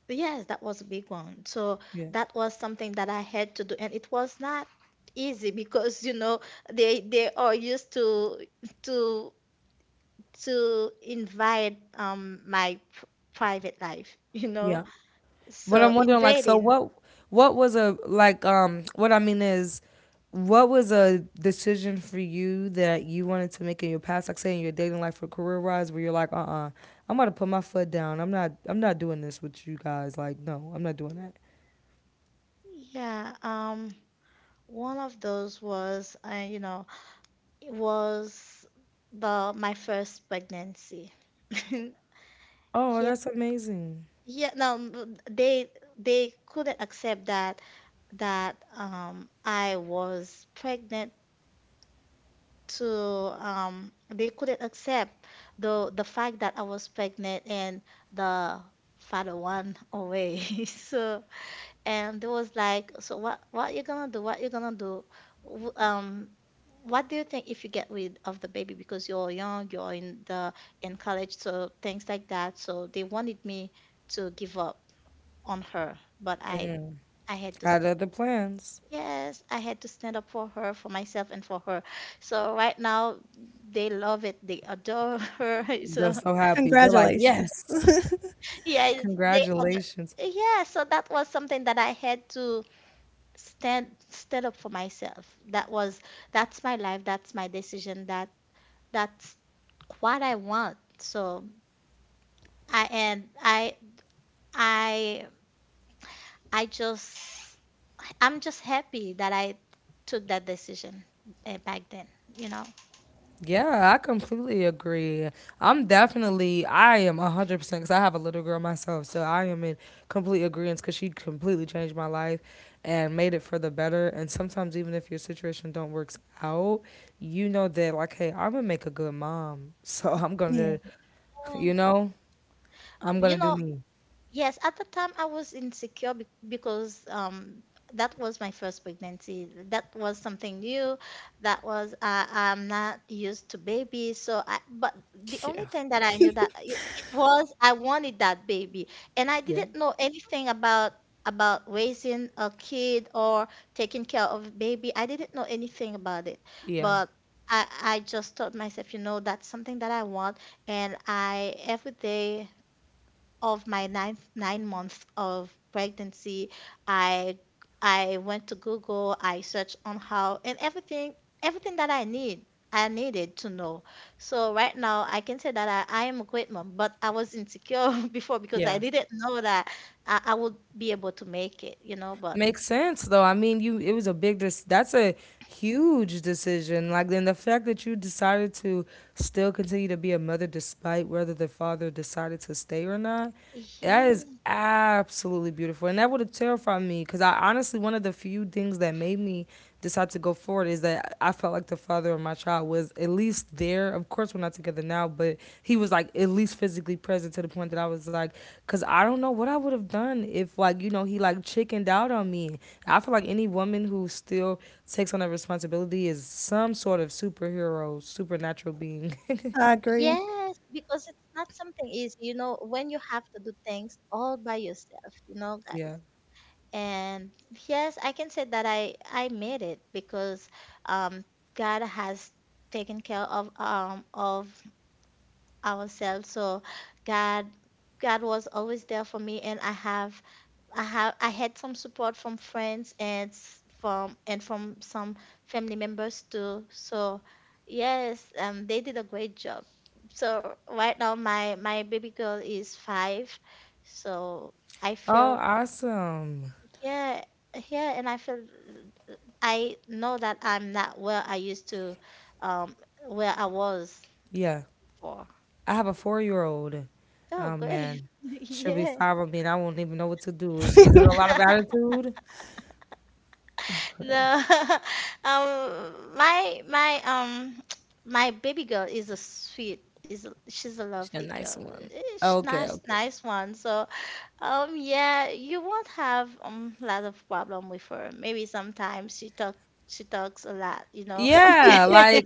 Speaker 1: yes, that was a big one. So
Speaker 2: Yeah.
Speaker 1: that was something that I had to do, and it was not easy because they are used to to invite my private life,
Speaker 2: Yeah. But
Speaker 1: so
Speaker 2: I'm wondering like so
Speaker 1: invading.
Speaker 2: what was a like what I mean is what was a decision for you that you wanted to make in your past, like say in your dating life or career wise, where you're like, I'm gonna put my foot down. I'm not doing this with you guys. Like, no, I'm not doing that.
Speaker 1: Yeah, one of those was, you know, it was the my first pregnancy.
Speaker 2: Oh,
Speaker 1: Yeah,
Speaker 2: that's amazing.
Speaker 1: yeah. No, they couldn't accept that I was pregnant. To they couldn't accept the fact that I was pregnant and the father went away. So and they was like, "So what? What you gonna do? What you gonna do? W- Um, what do you think if you get rid of the baby because you're young, you're in the in college, so things like that." So they wanted me to give up on her, but I I had to.
Speaker 2: I
Speaker 1: s-
Speaker 2: had other plans.
Speaker 1: Yes, I had to stand up for her, for myself, and for her. So right now, they love it. They adore her.
Speaker 2: They're
Speaker 1: So
Speaker 2: so happy. They're like,
Speaker 3: Congratulations.
Speaker 2: yes,
Speaker 1: yeah, they adore.
Speaker 2: congratulations.
Speaker 1: Yeah, so that was something that I had to stand stood up for myself. That's my life, that's my decision, that's what I want. So I and I I I just I'm just happy that I took that decision, back then, you know.
Speaker 2: Yeah, I completely agree. I'm definitely, I am 100% because I have a little girl myself. So I am in complete agreement because she completely changed my life and made it for the better. And sometimes even if your situation don't works out, you know that like, hey, I'm going to make a good mom. So I'm going
Speaker 3: Yeah.
Speaker 2: to,
Speaker 1: Yeah.
Speaker 2: you know, I'm
Speaker 1: You
Speaker 2: going to do
Speaker 1: know,
Speaker 2: me.
Speaker 1: Yes, at the time I was insecure, because that was my first pregnancy. That was something new. That was I'm not used to babies. So I, but the only
Speaker 2: Yeah.
Speaker 1: thing that I knew, that it was, I wanted that baby, and I
Speaker 2: Yeah.
Speaker 1: didn't know anything about raising a kid or taking care of a baby. I didn't know anything about it.
Speaker 2: Yeah.
Speaker 1: But I just told myself, that's something that I want. And I, every day of my ninth 9 months of pregnancy, I I went to Google, I searched on how, and everything that I needed to know. So right now I can say that I am a great mom, but I was insecure before, because I
Speaker 2: Yeah.
Speaker 1: didn't know that I would be able to make it, but
Speaker 2: Makes sense though. I mean, you it was a big dis- that's a huge decision. Like then the fact that you decided to still continue to be a mother despite whether the father decided to stay or not. That is
Speaker 1: yeah.
Speaker 2: absolutely beautiful. And that would have terrified me because I honestly, one of the few things that made me decide to go forward is that I felt like the father of my child was at least there. Of course, we're not together now, but he was like at least physically present to the point that I was like, because I don't know what I would have done if, like, you know, he like chickened out on me. I feel like any woman who still takes on that responsibility is some sort of superhero, supernatural being.
Speaker 3: I agree.
Speaker 1: Yes, because it's not something easy, when you have to do things all by yourself, you know, guys.
Speaker 2: Yeah.
Speaker 1: And yes, I can say that I made it because um, God has taken care of ourselves. So God God was always there for me, and I had some support from friends and from some family members too. So yes, they did a great job. So right now my baby girl is 5, so I
Speaker 2: Oh,
Speaker 1: feel
Speaker 2: awesome.
Speaker 1: yeah, yeah, and I know that I'm not where I used to, um, where I was
Speaker 2: Yeah.
Speaker 1: for.
Speaker 2: I have a 4-year-old old.
Speaker 1: Oh,
Speaker 2: Oh
Speaker 1: great.
Speaker 2: man, she'll be
Speaker 1: Yeah.
Speaker 2: five on me, and I won't even know what to do. Is it a lot of attitude?
Speaker 1: No. My my baby girl is a sweet, she's a
Speaker 2: She's a
Speaker 1: lovely girl.
Speaker 2: nice one. Okay, okay.
Speaker 1: Nice one. So yeah, you won't have a lot of problem with her. Maybe sometimes she talks a lot.
Speaker 2: Yeah, like,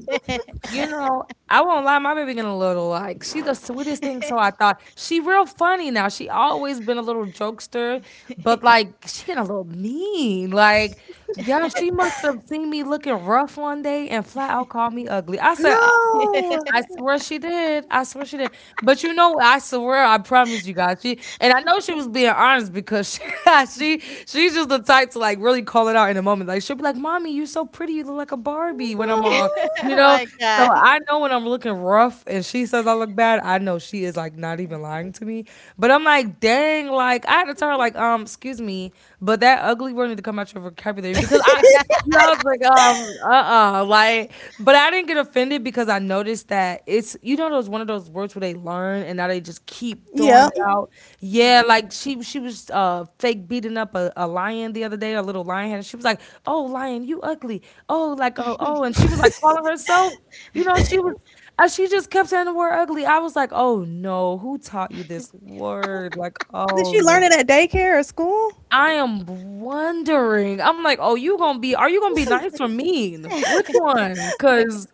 Speaker 2: you know, I won't lie. My baby getting a little like she the sweetest thing. So I thought she real funny now. She always been a little jokester, but like she getting a little mean. Like yeah, she must have seen me looking rough one day and flat out called me ugly. I said,
Speaker 3: No,
Speaker 2: I swear she did. I swear she did. But you know, I swear, I promise you guys. She and I know she was being honest because she she's just the type to like really call it out in a moment. Like she'll be like, "Mommy, you so pretty. You look like a Barbie." When I'm all,
Speaker 3: no.
Speaker 2: you
Speaker 1: Oh
Speaker 2: know.
Speaker 1: my
Speaker 2: So
Speaker 1: God.
Speaker 2: I know when I'm looking rough and she says I look bad, I know she is like not even lying to me. But I'm like, dang, like I had to tell her like, excuse me, but that ugly word need to come out your vocabulary because I yeah, I was like, uh-uh. Like, but I didn't get offended because I noticed that it's you know those one of those words where they learn and now they just keep throwing it
Speaker 3: Yep.
Speaker 2: out.
Speaker 1: Mm.
Speaker 2: Yeah,
Speaker 1: Yeah.
Speaker 2: like she was fake beating up a lion the other day, a little lion and she was like, oh lion, you ugly. Oh, like oh and she was like calling herself, you know, she was, she just kept saying the word ugly. I was like, oh no, who taught you this word? Like,
Speaker 3: Did
Speaker 2: oh
Speaker 3: she learn
Speaker 2: man.
Speaker 3: it at daycare or school?
Speaker 2: I am wondering. I'm like, oh, you gonna be? Are you gonna be nice or mean? Which one? Cause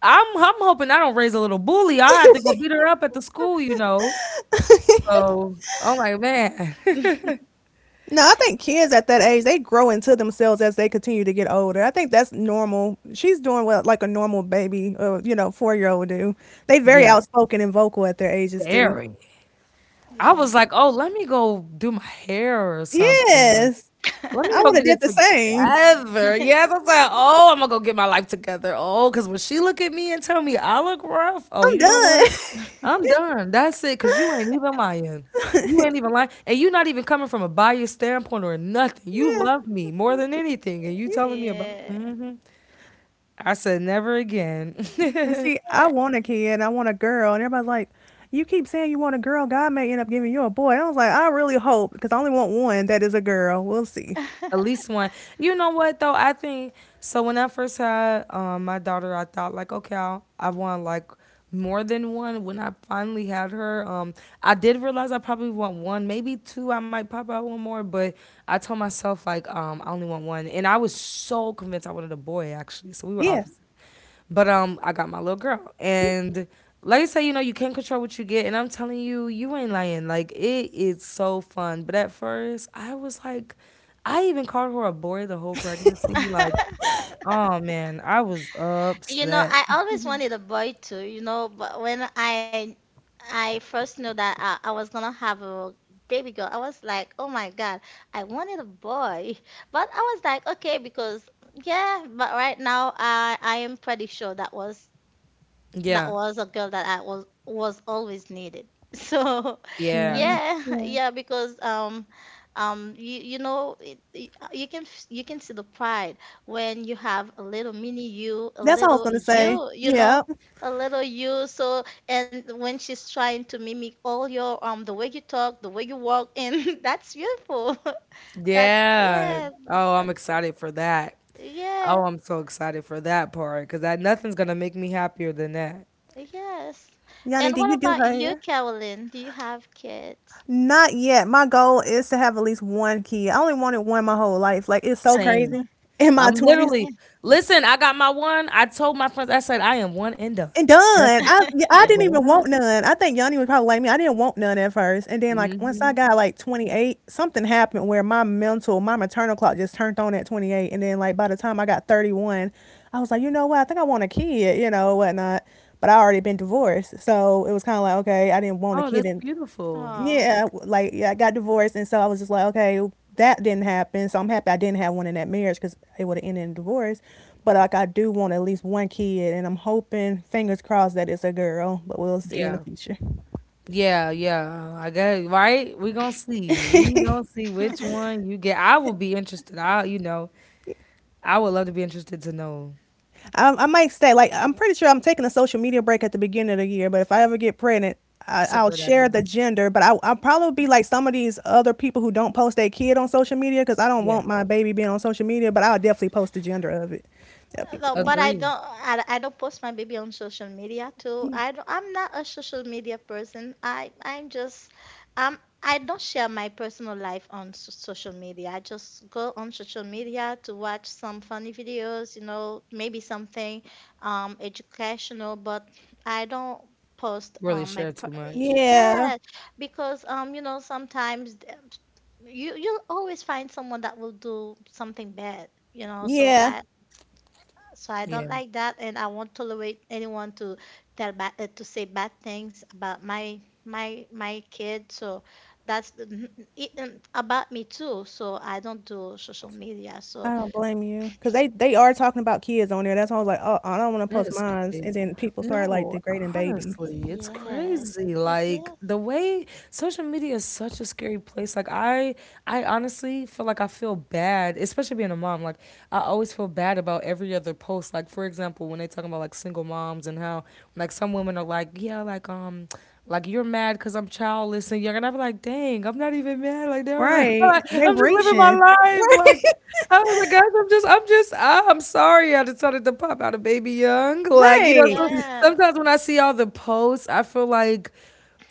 Speaker 2: I'm hoping I don't raise a little bully. I have to go beat her up at the school, you know. So I'm like, man,
Speaker 3: No, I think kids at that age, they grow into themselves as they continue to get older. I think that's normal. She's doing what, like, a normal baby or, four-year-old do. They very
Speaker 2: yeah,
Speaker 3: outspoken and vocal at their ages too.
Speaker 2: very. I
Speaker 1: Yeah.
Speaker 2: was like, oh, let me go do my hair or something, or
Speaker 3: Yes.
Speaker 2: let me
Speaker 3: I
Speaker 2: go
Speaker 3: would have
Speaker 2: get
Speaker 3: did
Speaker 2: it
Speaker 3: the same.
Speaker 2: together. Yes, I was like, oh, I'm gonna go get my life together. Oh, cause when she look at me and tell me I look rough, oh,
Speaker 3: I'm
Speaker 2: you know what?
Speaker 3: done.
Speaker 2: I'm done. That's it. Cause you ain't even lying. You ain't even lying. And you not even coming from a biased standpoint or nothing. You
Speaker 3: Yeah.
Speaker 2: love me more than anything. And you
Speaker 1: Yeah.
Speaker 2: telling me about,
Speaker 1: Yeah.
Speaker 2: I said, never again.
Speaker 3: And see, I want a kid. I want a girl. And everybody's like, you keep saying you want a girl. God may end up giving you a boy. And I was like, I really hope, because I only want one that is a girl. We'll see.
Speaker 2: At least one. You know what though? I think so. When I first had my daughter, I thought like, okay, I want like more than one. When I finally had her, I did realize I probably want one, maybe two. I might pop out one more, but I told myself like, I only want one, and I was so convinced I wanted a boy actually. So we were
Speaker 3: Yeah.
Speaker 2: opposite. But I got my little girl, and like I said, you know, you can't control what you get, and I'm telling you, you ain't lying. Like it is so fun. But at first, I was like, I even called her a boy the whole pregnancy. Like, oh man, I was upset.
Speaker 1: I always wanted a boy too, but when I first knew that I was gonna have a baby girl, I was like, oh my God, I wanted a boy. But I was like, okay. Because yeah, but right now I am pretty sure that was
Speaker 2: Yeah,
Speaker 1: a girl that I was always needed. So,
Speaker 3: Yeah.
Speaker 2: yeah,
Speaker 1: yeah.
Speaker 3: Yeah.
Speaker 1: Yeah, because you can see the pride when you have a little mini you, a
Speaker 3: That's what I was
Speaker 1: little
Speaker 3: gonna say.
Speaker 1: you,
Speaker 3: Yeah.
Speaker 1: a little you. So, and when she's trying to mimic all your the way you talk, the way you walk, and that's beautiful. That,
Speaker 2: yeah.
Speaker 1: yeah,
Speaker 2: Oh,
Speaker 1: that,
Speaker 2: I'm excited for that. Oh,
Speaker 1: yeah,
Speaker 2: I'm so excited for that part because that nothing's gonna make me happier than that.
Speaker 1: yes.
Speaker 3: Yanni,
Speaker 1: And
Speaker 3: do
Speaker 1: what
Speaker 3: you do
Speaker 1: about
Speaker 3: her
Speaker 1: you,
Speaker 3: hair?
Speaker 1: Carolyn? Do you have kids?
Speaker 3: Not yet. My goal is to have at least one kid. I only wanted one my whole life. Like, it's so
Speaker 2: Same.
Speaker 3: crazy. In my
Speaker 2: I'm
Speaker 3: twenties.
Speaker 2: literally listen. I got my one. I told my friends. I said I am one and done.
Speaker 3: And done.
Speaker 2: That's it.
Speaker 3: I Yeah, I
Speaker 2: One
Speaker 3: didn't
Speaker 2: and
Speaker 3: even want
Speaker 2: done.
Speaker 3: none. I think Yanni was probably like me. I didn't want none at first. And then, like, once I
Speaker 2: Hmm.
Speaker 3: got like 28, something happened where my maternal clock just turned on at 28. And then, like, by the time I got 31, I was like, you know what, I think I want a kid, whatnot. But I already been divorced. So it was kinda like, okay, I didn't want a
Speaker 2: Oh,
Speaker 3: kid,
Speaker 2: that's
Speaker 3: and
Speaker 2: beautiful.
Speaker 1: 啊。
Speaker 3: yeah. Like, yeah, I got divorced, and so I was just like, okay, that didn't happen. So I'm happy I didn't have one in that marriage because it would have ended in divorce. But, like, I do want at least one kid, and I'm hoping, fingers crossed, that it's a girl. But we'll see in the
Speaker 2: Yeah.
Speaker 3: future.
Speaker 2: Yeah, yeah. I guess right. We gonna see. We gonna see which one you get. I will be interested. You know, I would love to be interested to know.
Speaker 3: I might stay. Like, I'm pretty sure I'm taking a social media break at the beginning of the year. But if I ever get pregnant, I,
Speaker 2: It's a
Speaker 3: I'll
Speaker 2: great
Speaker 3: share
Speaker 2: idea.
Speaker 3: the gender. But I'll probably be like some of these other people who don't post their kid on social media, because I don't
Speaker 2: Yeah,
Speaker 3: want my baby being on social media. But I'll definitely post the gender of it. That'd be
Speaker 1: No,
Speaker 3: cool.
Speaker 1: but I
Speaker 2: agree.
Speaker 1: don't. I don't post my baby on social media too.
Speaker 3: Yeah.
Speaker 1: I don't, I'm not a social media person. I'm just I don't share my personal life on s- social media. I just go on social media to watch some funny videos, you know, maybe something educational. But I don't post
Speaker 2: Really
Speaker 1: on my
Speaker 2: share
Speaker 1: per-
Speaker 2: too much.
Speaker 3: Yeah,
Speaker 1: yeah, because you know sometimes th- you'll always find someone that will do something bad, you know.
Speaker 3: yeah.
Speaker 1: So I don't
Speaker 2: Yeah.
Speaker 1: like that, and I won't tolerate anyone to tell bad, to say bad things about my my kid. So that's the- it, and about me too. So I don't do social media.
Speaker 3: I
Speaker 1: So
Speaker 3: don't blame you, because they are talking about kids on there. That's why I was like, oh, I don't want to
Speaker 2: That
Speaker 3: post
Speaker 2: is
Speaker 3: mines. And
Speaker 2: crazy.
Speaker 3: then people started like
Speaker 2: No,
Speaker 3: degrading babies.
Speaker 2: honestly, it's
Speaker 1: yes,
Speaker 2: crazy.
Speaker 1: yes,
Speaker 2: Like the way social media is such a scary place. I honestly feel like I feel bad, especially being a mom. Like I always feel bad about every other post. Like for example, when they talking about like single moms and how like some women are like, yeah, like you're mad cuz I'm childless and young and I be like, "Dang, I'm not even mad." Like,
Speaker 3: Right. They
Speaker 2: I'm just living my
Speaker 3: reaching.
Speaker 2: life
Speaker 3: Right.
Speaker 2: like oh my gosh, I'm sorry I decided to pop out a Baby Young. Like, you know,
Speaker 3: Right.
Speaker 2: so,
Speaker 1: yeah,
Speaker 2: sometimes when I see all the posts, I feel like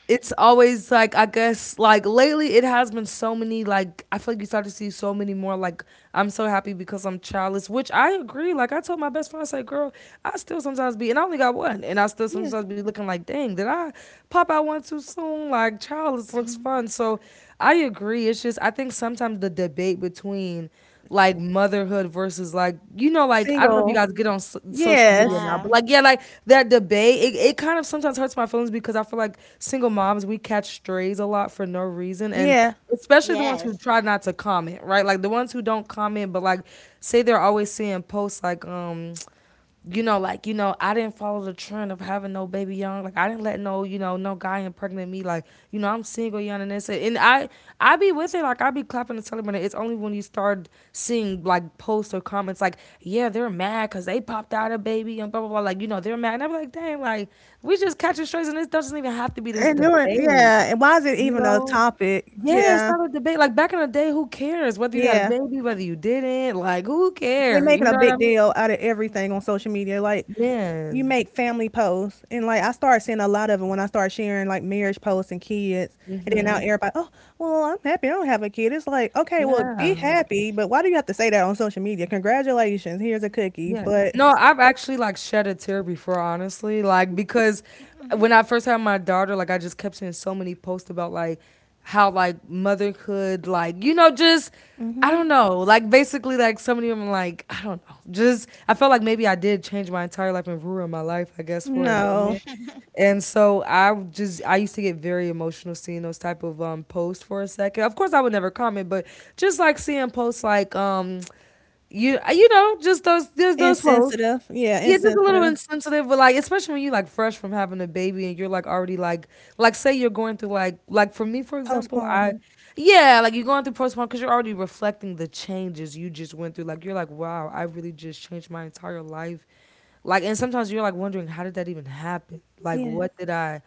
Speaker 2: it's always like I guess like lately it has been so many like I feel like you start to see so many more like I'm so happy because I'm childless, which I agree. Like I told my best friend, I said, girl, I still sometimes be and I only got one and I still
Speaker 3: Yeah.
Speaker 2: sometimes be looking like, dang, did I pop out one too soon? Like childless looks
Speaker 1: mhm,
Speaker 2: fun. So I agree. It's just I think sometimes the debate between like motherhood versus like you know like I don't know if you
Speaker 3: Single.
Speaker 2: guys get on social media
Speaker 3: Yes.
Speaker 2: now, but
Speaker 1: yeah,
Speaker 2: like yeah, like that debate it kind of sometimes hurts my feelings because I feel like single moms we catch strays a lot for no reason and
Speaker 3: Yeah.
Speaker 2: especially the ones who
Speaker 1: yes,
Speaker 2: try not to comment, right? Like the ones who don't comment but like say they're always seeing posts like you know, like, you know, I didn't follow the trend of having no baby young. Like I didn't let no, you know, no guy impregnate me. Like, you know, I'm single young and this and I be with it, like I be clapping and celebrating. It's only when you start seeing like posts or comments like, yeah, they're mad because they popped out a baby and blah blah blah. Like, you know, they're mad. And I'm like, damn, like we just catching strays and this doesn't even have to be this
Speaker 3: And doing.
Speaker 2: debate.
Speaker 3: Yeah. And why is it
Speaker 2: You
Speaker 3: even a
Speaker 2: know?
Speaker 3: topic?
Speaker 2: Yeah, it's
Speaker 3: Yeah.
Speaker 2: not a debate. Like back in the day, who cares whether you had a
Speaker 3: Yeah.
Speaker 2: baby, whether you didn't? Like, who
Speaker 3: They
Speaker 2: cares?
Speaker 3: making
Speaker 2: You
Speaker 3: a
Speaker 2: know what
Speaker 3: big
Speaker 2: I mean?
Speaker 3: deal out of everything on social media. Like, you
Speaker 2: Man.
Speaker 3: make family posts, and like, I started seeing a lot of it when I started sharing like marriage posts and kids, and then now
Speaker 2: Hmm.
Speaker 3: everybody, oh, well, I'm happy I don't have a kid. It's like, okay, well, be
Speaker 2: Yeah.
Speaker 3: happy, but why do you have to say that on social media? Congratulations, here's a cookie.
Speaker 2: Yeah.
Speaker 3: But
Speaker 2: No, I've actually like shed a tear before, honestly. Like because when
Speaker 1: mhm.
Speaker 2: I first had my daughter, like I just kept seeing so many posts about like how like motherhood, like, you know, just I
Speaker 3: hmm
Speaker 2: don't know. Like basically like so many of them like, I don't know. Just I felt like maybe I did change my entire life and ruin my life, I guess, for a
Speaker 3: no.
Speaker 2: moment. And so just I used to get very emotional seeing those type of posts for a second. Of course I would never comment, but just like seeing posts like you you know, just those there's those posts.
Speaker 3: Insensitive. Yeah,
Speaker 2: Yeah, just a little
Speaker 3: insensitive.
Speaker 2: insensitive, but like especially when you like fresh from having a baby and you're like already like say you're going through like for me for example, I
Speaker 3: Postpartum.
Speaker 2: yeah, like you're going through postpartum because you're already reflecting the changes you just went through. Like you're like, wow, I really just changed my entire life. Like and sometimes you're like wondering how did that even happen? Like
Speaker 3: Yeah.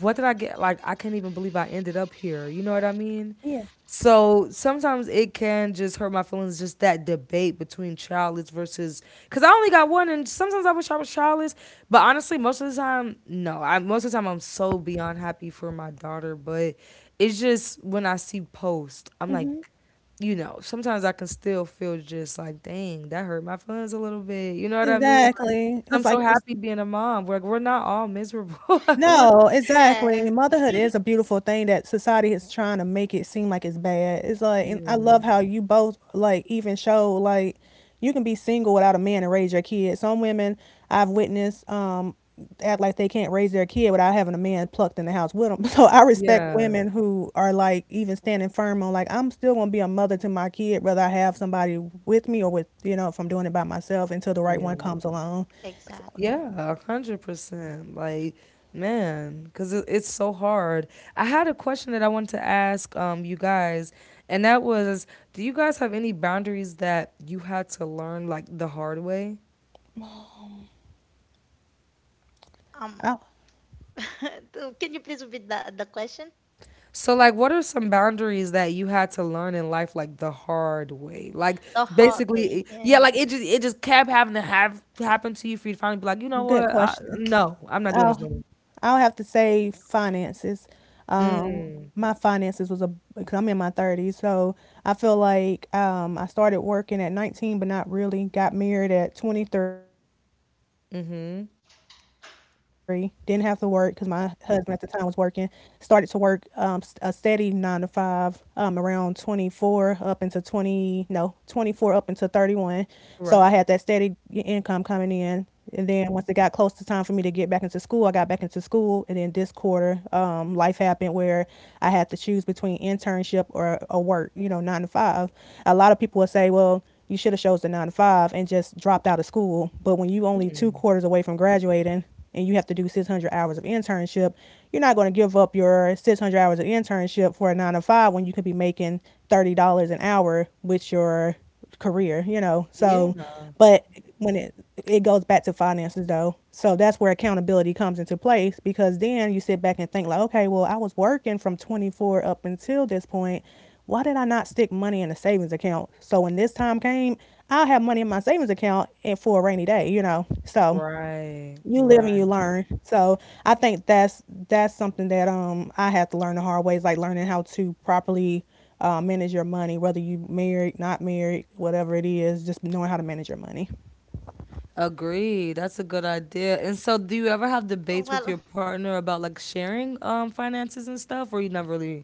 Speaker 2: what did I get? Like I can't even believe I ended up here. You know what I mean?
Speaker 3: Yeah.
Speaker 2: So sometimes it can just hurt my feelings, just that debate between childless versus because I only got one, and sometimes I wish I was childless. But honestly, most of the time, no. I most of the time I'm so beyond happy for my daughter, but it's just when I see posts, I'm like, you know, sometimes I can still feel just like, dang, that hurt my feelings a little bit. You know what I mean? Like,
Speaker 3: Exactly.
Speaker 2: 'cause I'm
Speaker 3: Cause,
Speaker 2: so
Speaker 3: like, it's—
Speaker 2: happy being a mom. We're not all miserable. we're
Speaker 3: No, exactly.
Speaker 1: Yes,
Speaker 3: Motherhood is a beautiful thing that society is trying to make it seem like it's bad. It's like, and I
Speaker 2: yeah,
Speaker 3: love how you both, like, even show like, you can be single without a man and raise your kid. Some women I've witnessed act like they can't raise their kid without having a man plucked in the house with them. So I respect
Speaker 2: yeah,
Speaker 3: women who are like even standing firm on like, I'm still gonna be a mother to my kid whether I have somebody with me or with if I'm doing it by myself until the right
Speaker 2: yeah.
Speaker 3: one comes along. So,
Speaker 1: exactly.
Speaker 2: Yeah, 100%. Like, man, because it's so hard. I had a question that I wanted to ask you guys, and that was, do you guys have any boundaries that you had to learn like the hard way?
Speaker 1: Um,
Speaker 3: I,
Speaker 1: can you please repeat the question?
Speaker 2: So, like, what are some boundaries that you had to learn in life like the hard way? Like,
Speaker 1: The hard way?
Speaker 2: basically, yeah,
Speaker 1: Yeah.
Speaker 2: like it just kept having to have happen to you for you to finally be like, you know
Speaker 3: Good
Speaker 2: what?
Speaker 3: question.
Speaker 2: No, I'm not doing this
Speaker 3: I'll
Speaker 2: no more.
Speaker 3: I'll have to say finances.
Speaker 2: Mm,
Speaker 3: My finances was a— because I'm in my 30s. So, I feel like, I started working at 19, but not really. Got married at 23. Didn't have to work because my
Speaker 2: mm-hmm.
Speaker 3: husband at the time was working. Started to work, a steady nine to five, around 24, up into 20, no, 24, up into 31. So I had that steady income coming
Speaker 2: Right.
Speaker 3: in. And then once it got close to time for me to get back into school, I got back into school. And then this quarter, life happened, where I had to choose between internship or work, you know, nine to five. A lot of people would say, well, you should have chose the nine to five and just dropped out of school. But when you only two quarters away from graduating, and you have to do 600 hours of internship, you're not going to give up your 600 hours of internship for a nine to five when you could be making $30 an hour with your career.
Speaker 2: Yeah.
Speaker 3: So, but when it goes back to finances though. So that's where accountability comes into place, because then you sit back and think, like, okay, well, I was working from 24 up until this point. Why did I not stick money in a savings account? So when this time came, I'll have money in my savings account and for a rainy day. So,
Speaker 2: Right.
Speaker 3: you live and you
Speaker 2: Right.
Speaker 3: learn. So I think that's something that I had to learn the hard ways, like learning how to properly manage your money, whether you married, not married, whatever it is, just knowing how to manage your money.
Speaker 2: Agree. That's a good idea. And so, do you ever have debates with
Speaker 1: Well,
Speaker 2: your partner about like sharing finances and stuff, or you never really?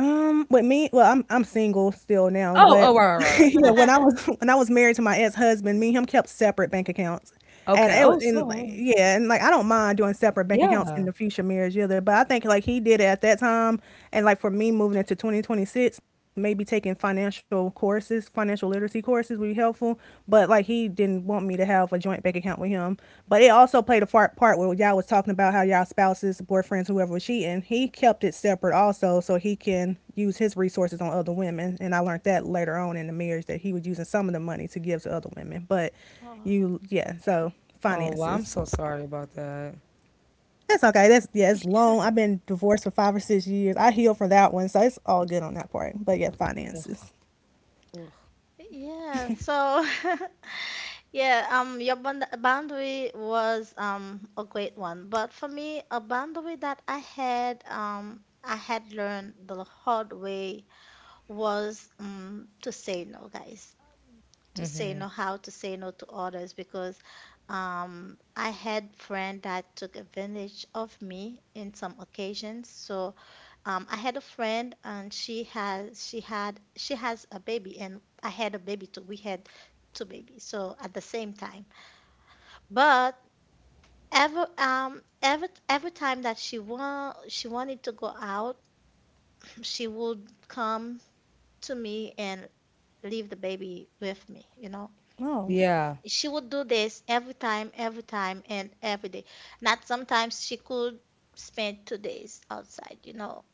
Speaker 3: With me, well, I'm single still now,
Speaker 2: Oh,
Speaker 3: but,
Speaker 2: oh, right, right, right. Right. You
Speaker 3: yeah,
Speaker 2: go-
Speaker 3: when I was when I was married to my ex-husband, me and him kept separate bank accounts.
Speaker 2: okay.
Speaker 3: And
Speaker 2: Oh,
Speaker 3: it was, and,
Speaker 2: so
Speaker 3: like, yeah, and, like, I don't mind doing separate bank accounts
Speaker 2: yeah.
Speaker 3: in the future marriage either, but I think, like, he did it at that time. And, like, for me, moving into 2026, maybe taking financial courses, financial literacy courses will helpful, but like, he didn't want me to have a joint bank account with him. But it also played a part where y'all was talking about how y'all spouses, boyfriends, whoever was cheating. He kept it separate also, so he can use his resources on other women. And I learned that later on in the marriage that he was using some of the money to give to other women. But
Speaker 1: oh.
Speaker 3: yeah, so,
Speaker 2: Oh, well, I'm
Speaker 3: finances.
Speaker 2: so sorry about that.
Speaker 3: That's okay. That's, yeah. It's long. I've been divorced for 5 or 6 years. I healed from that one, so it's all good on that part. But yeah,
Speaker 2: Ugh,
Speaker 3: finances.
Speaker 2: ugh.
Speaker 1: Yeah, so yeah, your band boundary was a great one, but for me, a boundary that I had learned the hard way was to say no, guys, to say
Speaker 2: Hmm.
Speaker 1: no, how to say no to others because I had friend that took advantage of me in some occasions. So I had a friend, and she has a baby, and I had a baby too. We had two babies, so at the same time. But every time that she wanted to go out, she would come to me and leave the baby with me, you know.
Speaker 3: Oh,
Speaker 2: Yeah.
Speaker 1: She would do this every time, and every day. Not sometimes she could spend 2 days outside, you know,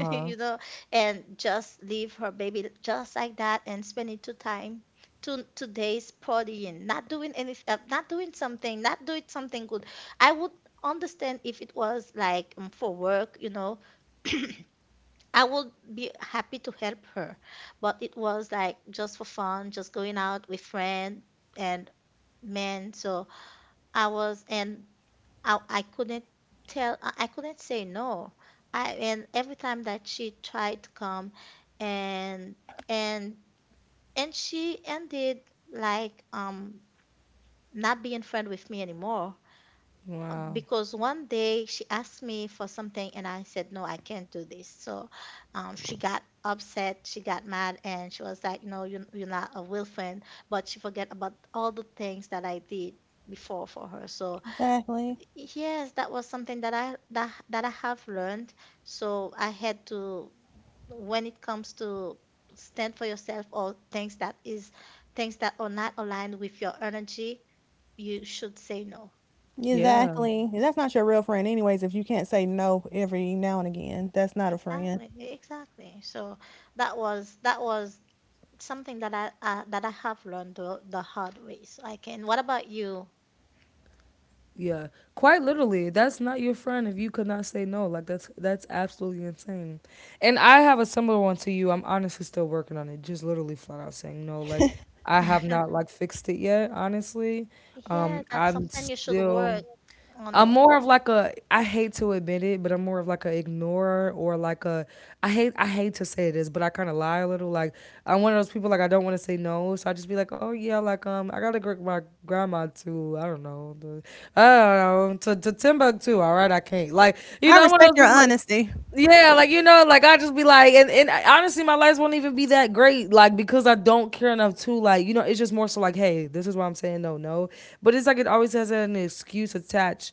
Speaker 1: you know, and just leave her baby just like that and spending two time, two two days partying, not doing anything, not doing something, not doing something good. I would understand if it was like for work, you know. I would be happy to help her, but it was like just for fun, just going out with friends and, man. So i was and I couldn't tell I couldn't say no, I and every time that she tried to come and and and she ended like not being friend with me anymore
Speaker 2: Wow.
Speaker 1: because one day she asked me for something and I said no, I can't do this. So she got upset, she got mad, and she was like, no, you're not a real friend, but she forget about all the things that I did before for her. So
Speaker 3: exactly.
Speaker 1: yes, that was something that I have learned. So I had to, when it comes to stand for yourself or things that is things that are not aligned with your energy, you should say no.
Speaker 2: Yeah.
Speaker 3: Exactly. That's not your real friend, anyways, if you can't say no every now and again. That's not a friend.
Speaker 1: Exactly, exactly. So that was something that I have learned the hard way. So I can. What about you?
Speaker 2: Yeah, quite literally. That's not your friend if you could not say no. Like that's absolutely insane. And I have a similar one to you. I'm honestly still working on it. Just literally flat out saying no. Like I have not like fixed it yet, honestly.
Speaker 1: Yeah, that's
Speaker 2: I'm
Speaker 1: something you should
Speaker 2: still
Speaker 1: work on
Speaker 2: I'm
Speaker 1: it.
Speaker 2: more of like a I hate to admit it, but I'm more of like a ignorer or like a I hate to say this, but I kind of lie a little. Like I'm one of those people like I don't want to say no, so I just be like, oh yeah, like I gotta go with my grandma too. I don't know, the, I don't know to Timbuktu. All right, I can't like you
Speaker 3: I
Speaker 2: know I'm one of
Speaker 3: respect
Speaker 2: those
Speaker 3: your
Speaker 2: people like
Speaker 3: honesty.
Speaker 2: yeah, like you know, like I just be like, and honestly, my life won't even be that great, like because I don't care enough to, like you know, it's just more so like, hey, this is why I'm saying no, no. But it's like it always has an excuse attached.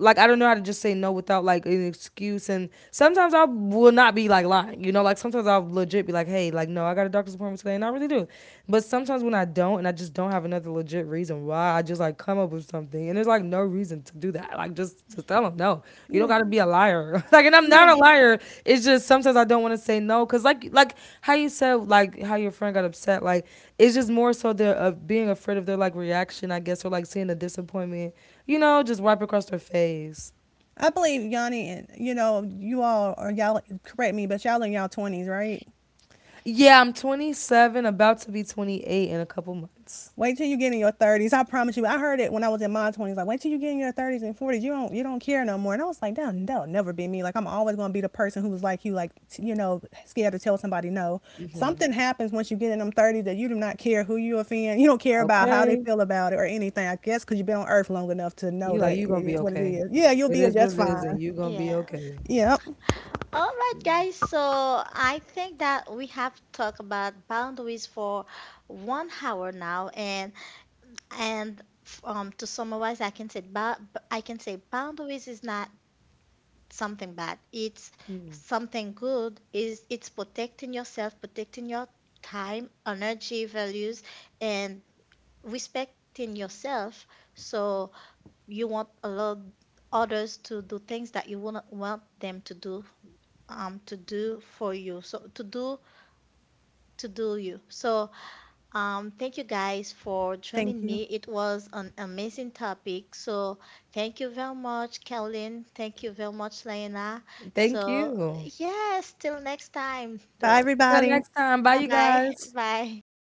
Speaker 2: Like I don't know how to just say no without like an excuse, and sometimes I will not be like lying. You know, like sometimes I'll legit be like, hey, like, no, I got a doctor's appointment today, and I really do. But sometimes when I don't, and I just don't have another legit reason why, I just like come up with something, and there's like no reason to do that. Like, just to tell them no. You don't
Speaker 3: Yeah,
Speaker 2: got to be a liar. like, and I'm not
Speaker 3: yeah.
Speaker 2: a liar. It's just sometimes I don't want to say no, cause like how you said like how your friend got upset. Like, it's just more so they're being afraid of their like reaction, I guess, or like seeing the disappointment. You know, just wipe across their face.
Speaker 3: I believe Yanni, and you all are— y'all correct me, but y'all in y'all twenties, right?
Speaker 2: Yeah, I'm 27, about to be 28 in a couple months.
Speaker 3: Wait till you get in your thirties. I promise you. I heard it when I was in my twenties. Like, wait till you get in your thirties and forties. You don't care no more. And I was like, that'll never be me. Like, I'm always gonna be the person who's like you, like, scared to tell somebody no.
Speaker 2: Mhm.
Speaker 3: Something happens once you get in them thirties that you do not care who you offend. You don't care about how they
Speaker 2: Okay.
Speaker 3: feel about it or anything. I guess because you've been on Earth long enough to know
Speaker 2: You like
Speaker 3: that
Speaker 2: you
Speaker 3: it
Speaker 2: gonna be
Speaker 3: is what it
Speaker 2: okay.
Speaker 3: is. Yeah, you'll
Speaker 2: It
Speaker 3: be
Speaker 2: is
Speaker 3: just
Speaker 2: what it is,
Speaker 3: fine.
Speaker 2: and you gonna be
Speaker 1: Yeah.
Speaker 2: okay.
Speaker 3: Yep.
Speaker 1: All right, guys. So I think that we have talked about boundaries for one hour now, and to summarize, I can say I can say boundaries is not something bad. It's
Speaker 2: Mm.
Speaker 1: something good. Is it's protecting yourself, protecting your time, energy, values, and respecting yourself. So you won't allow others to do things that you wouldn't want them to do for you, so to do, to do you. So thank you guys for
Speaker 3: Thank
Speaker 1: joining
Speaker 3: you.
Speaker 1: me. It was an amazing topic. So thank you very much, Caroline. Thank you very much, Lena. So
Speaker 2: Thank you.
Speaker 1: yes, till next time
Speaker 3: Bye,
Speaker 1: though.
Speaker 2: Till
Speaker 3: everybody.
Speaker 2: next time. Bye,
Speaker 1: Bye
Speaker 2: you
Speaker 1: bye.
Speaker 2: guys.
Speaker 1: Bye.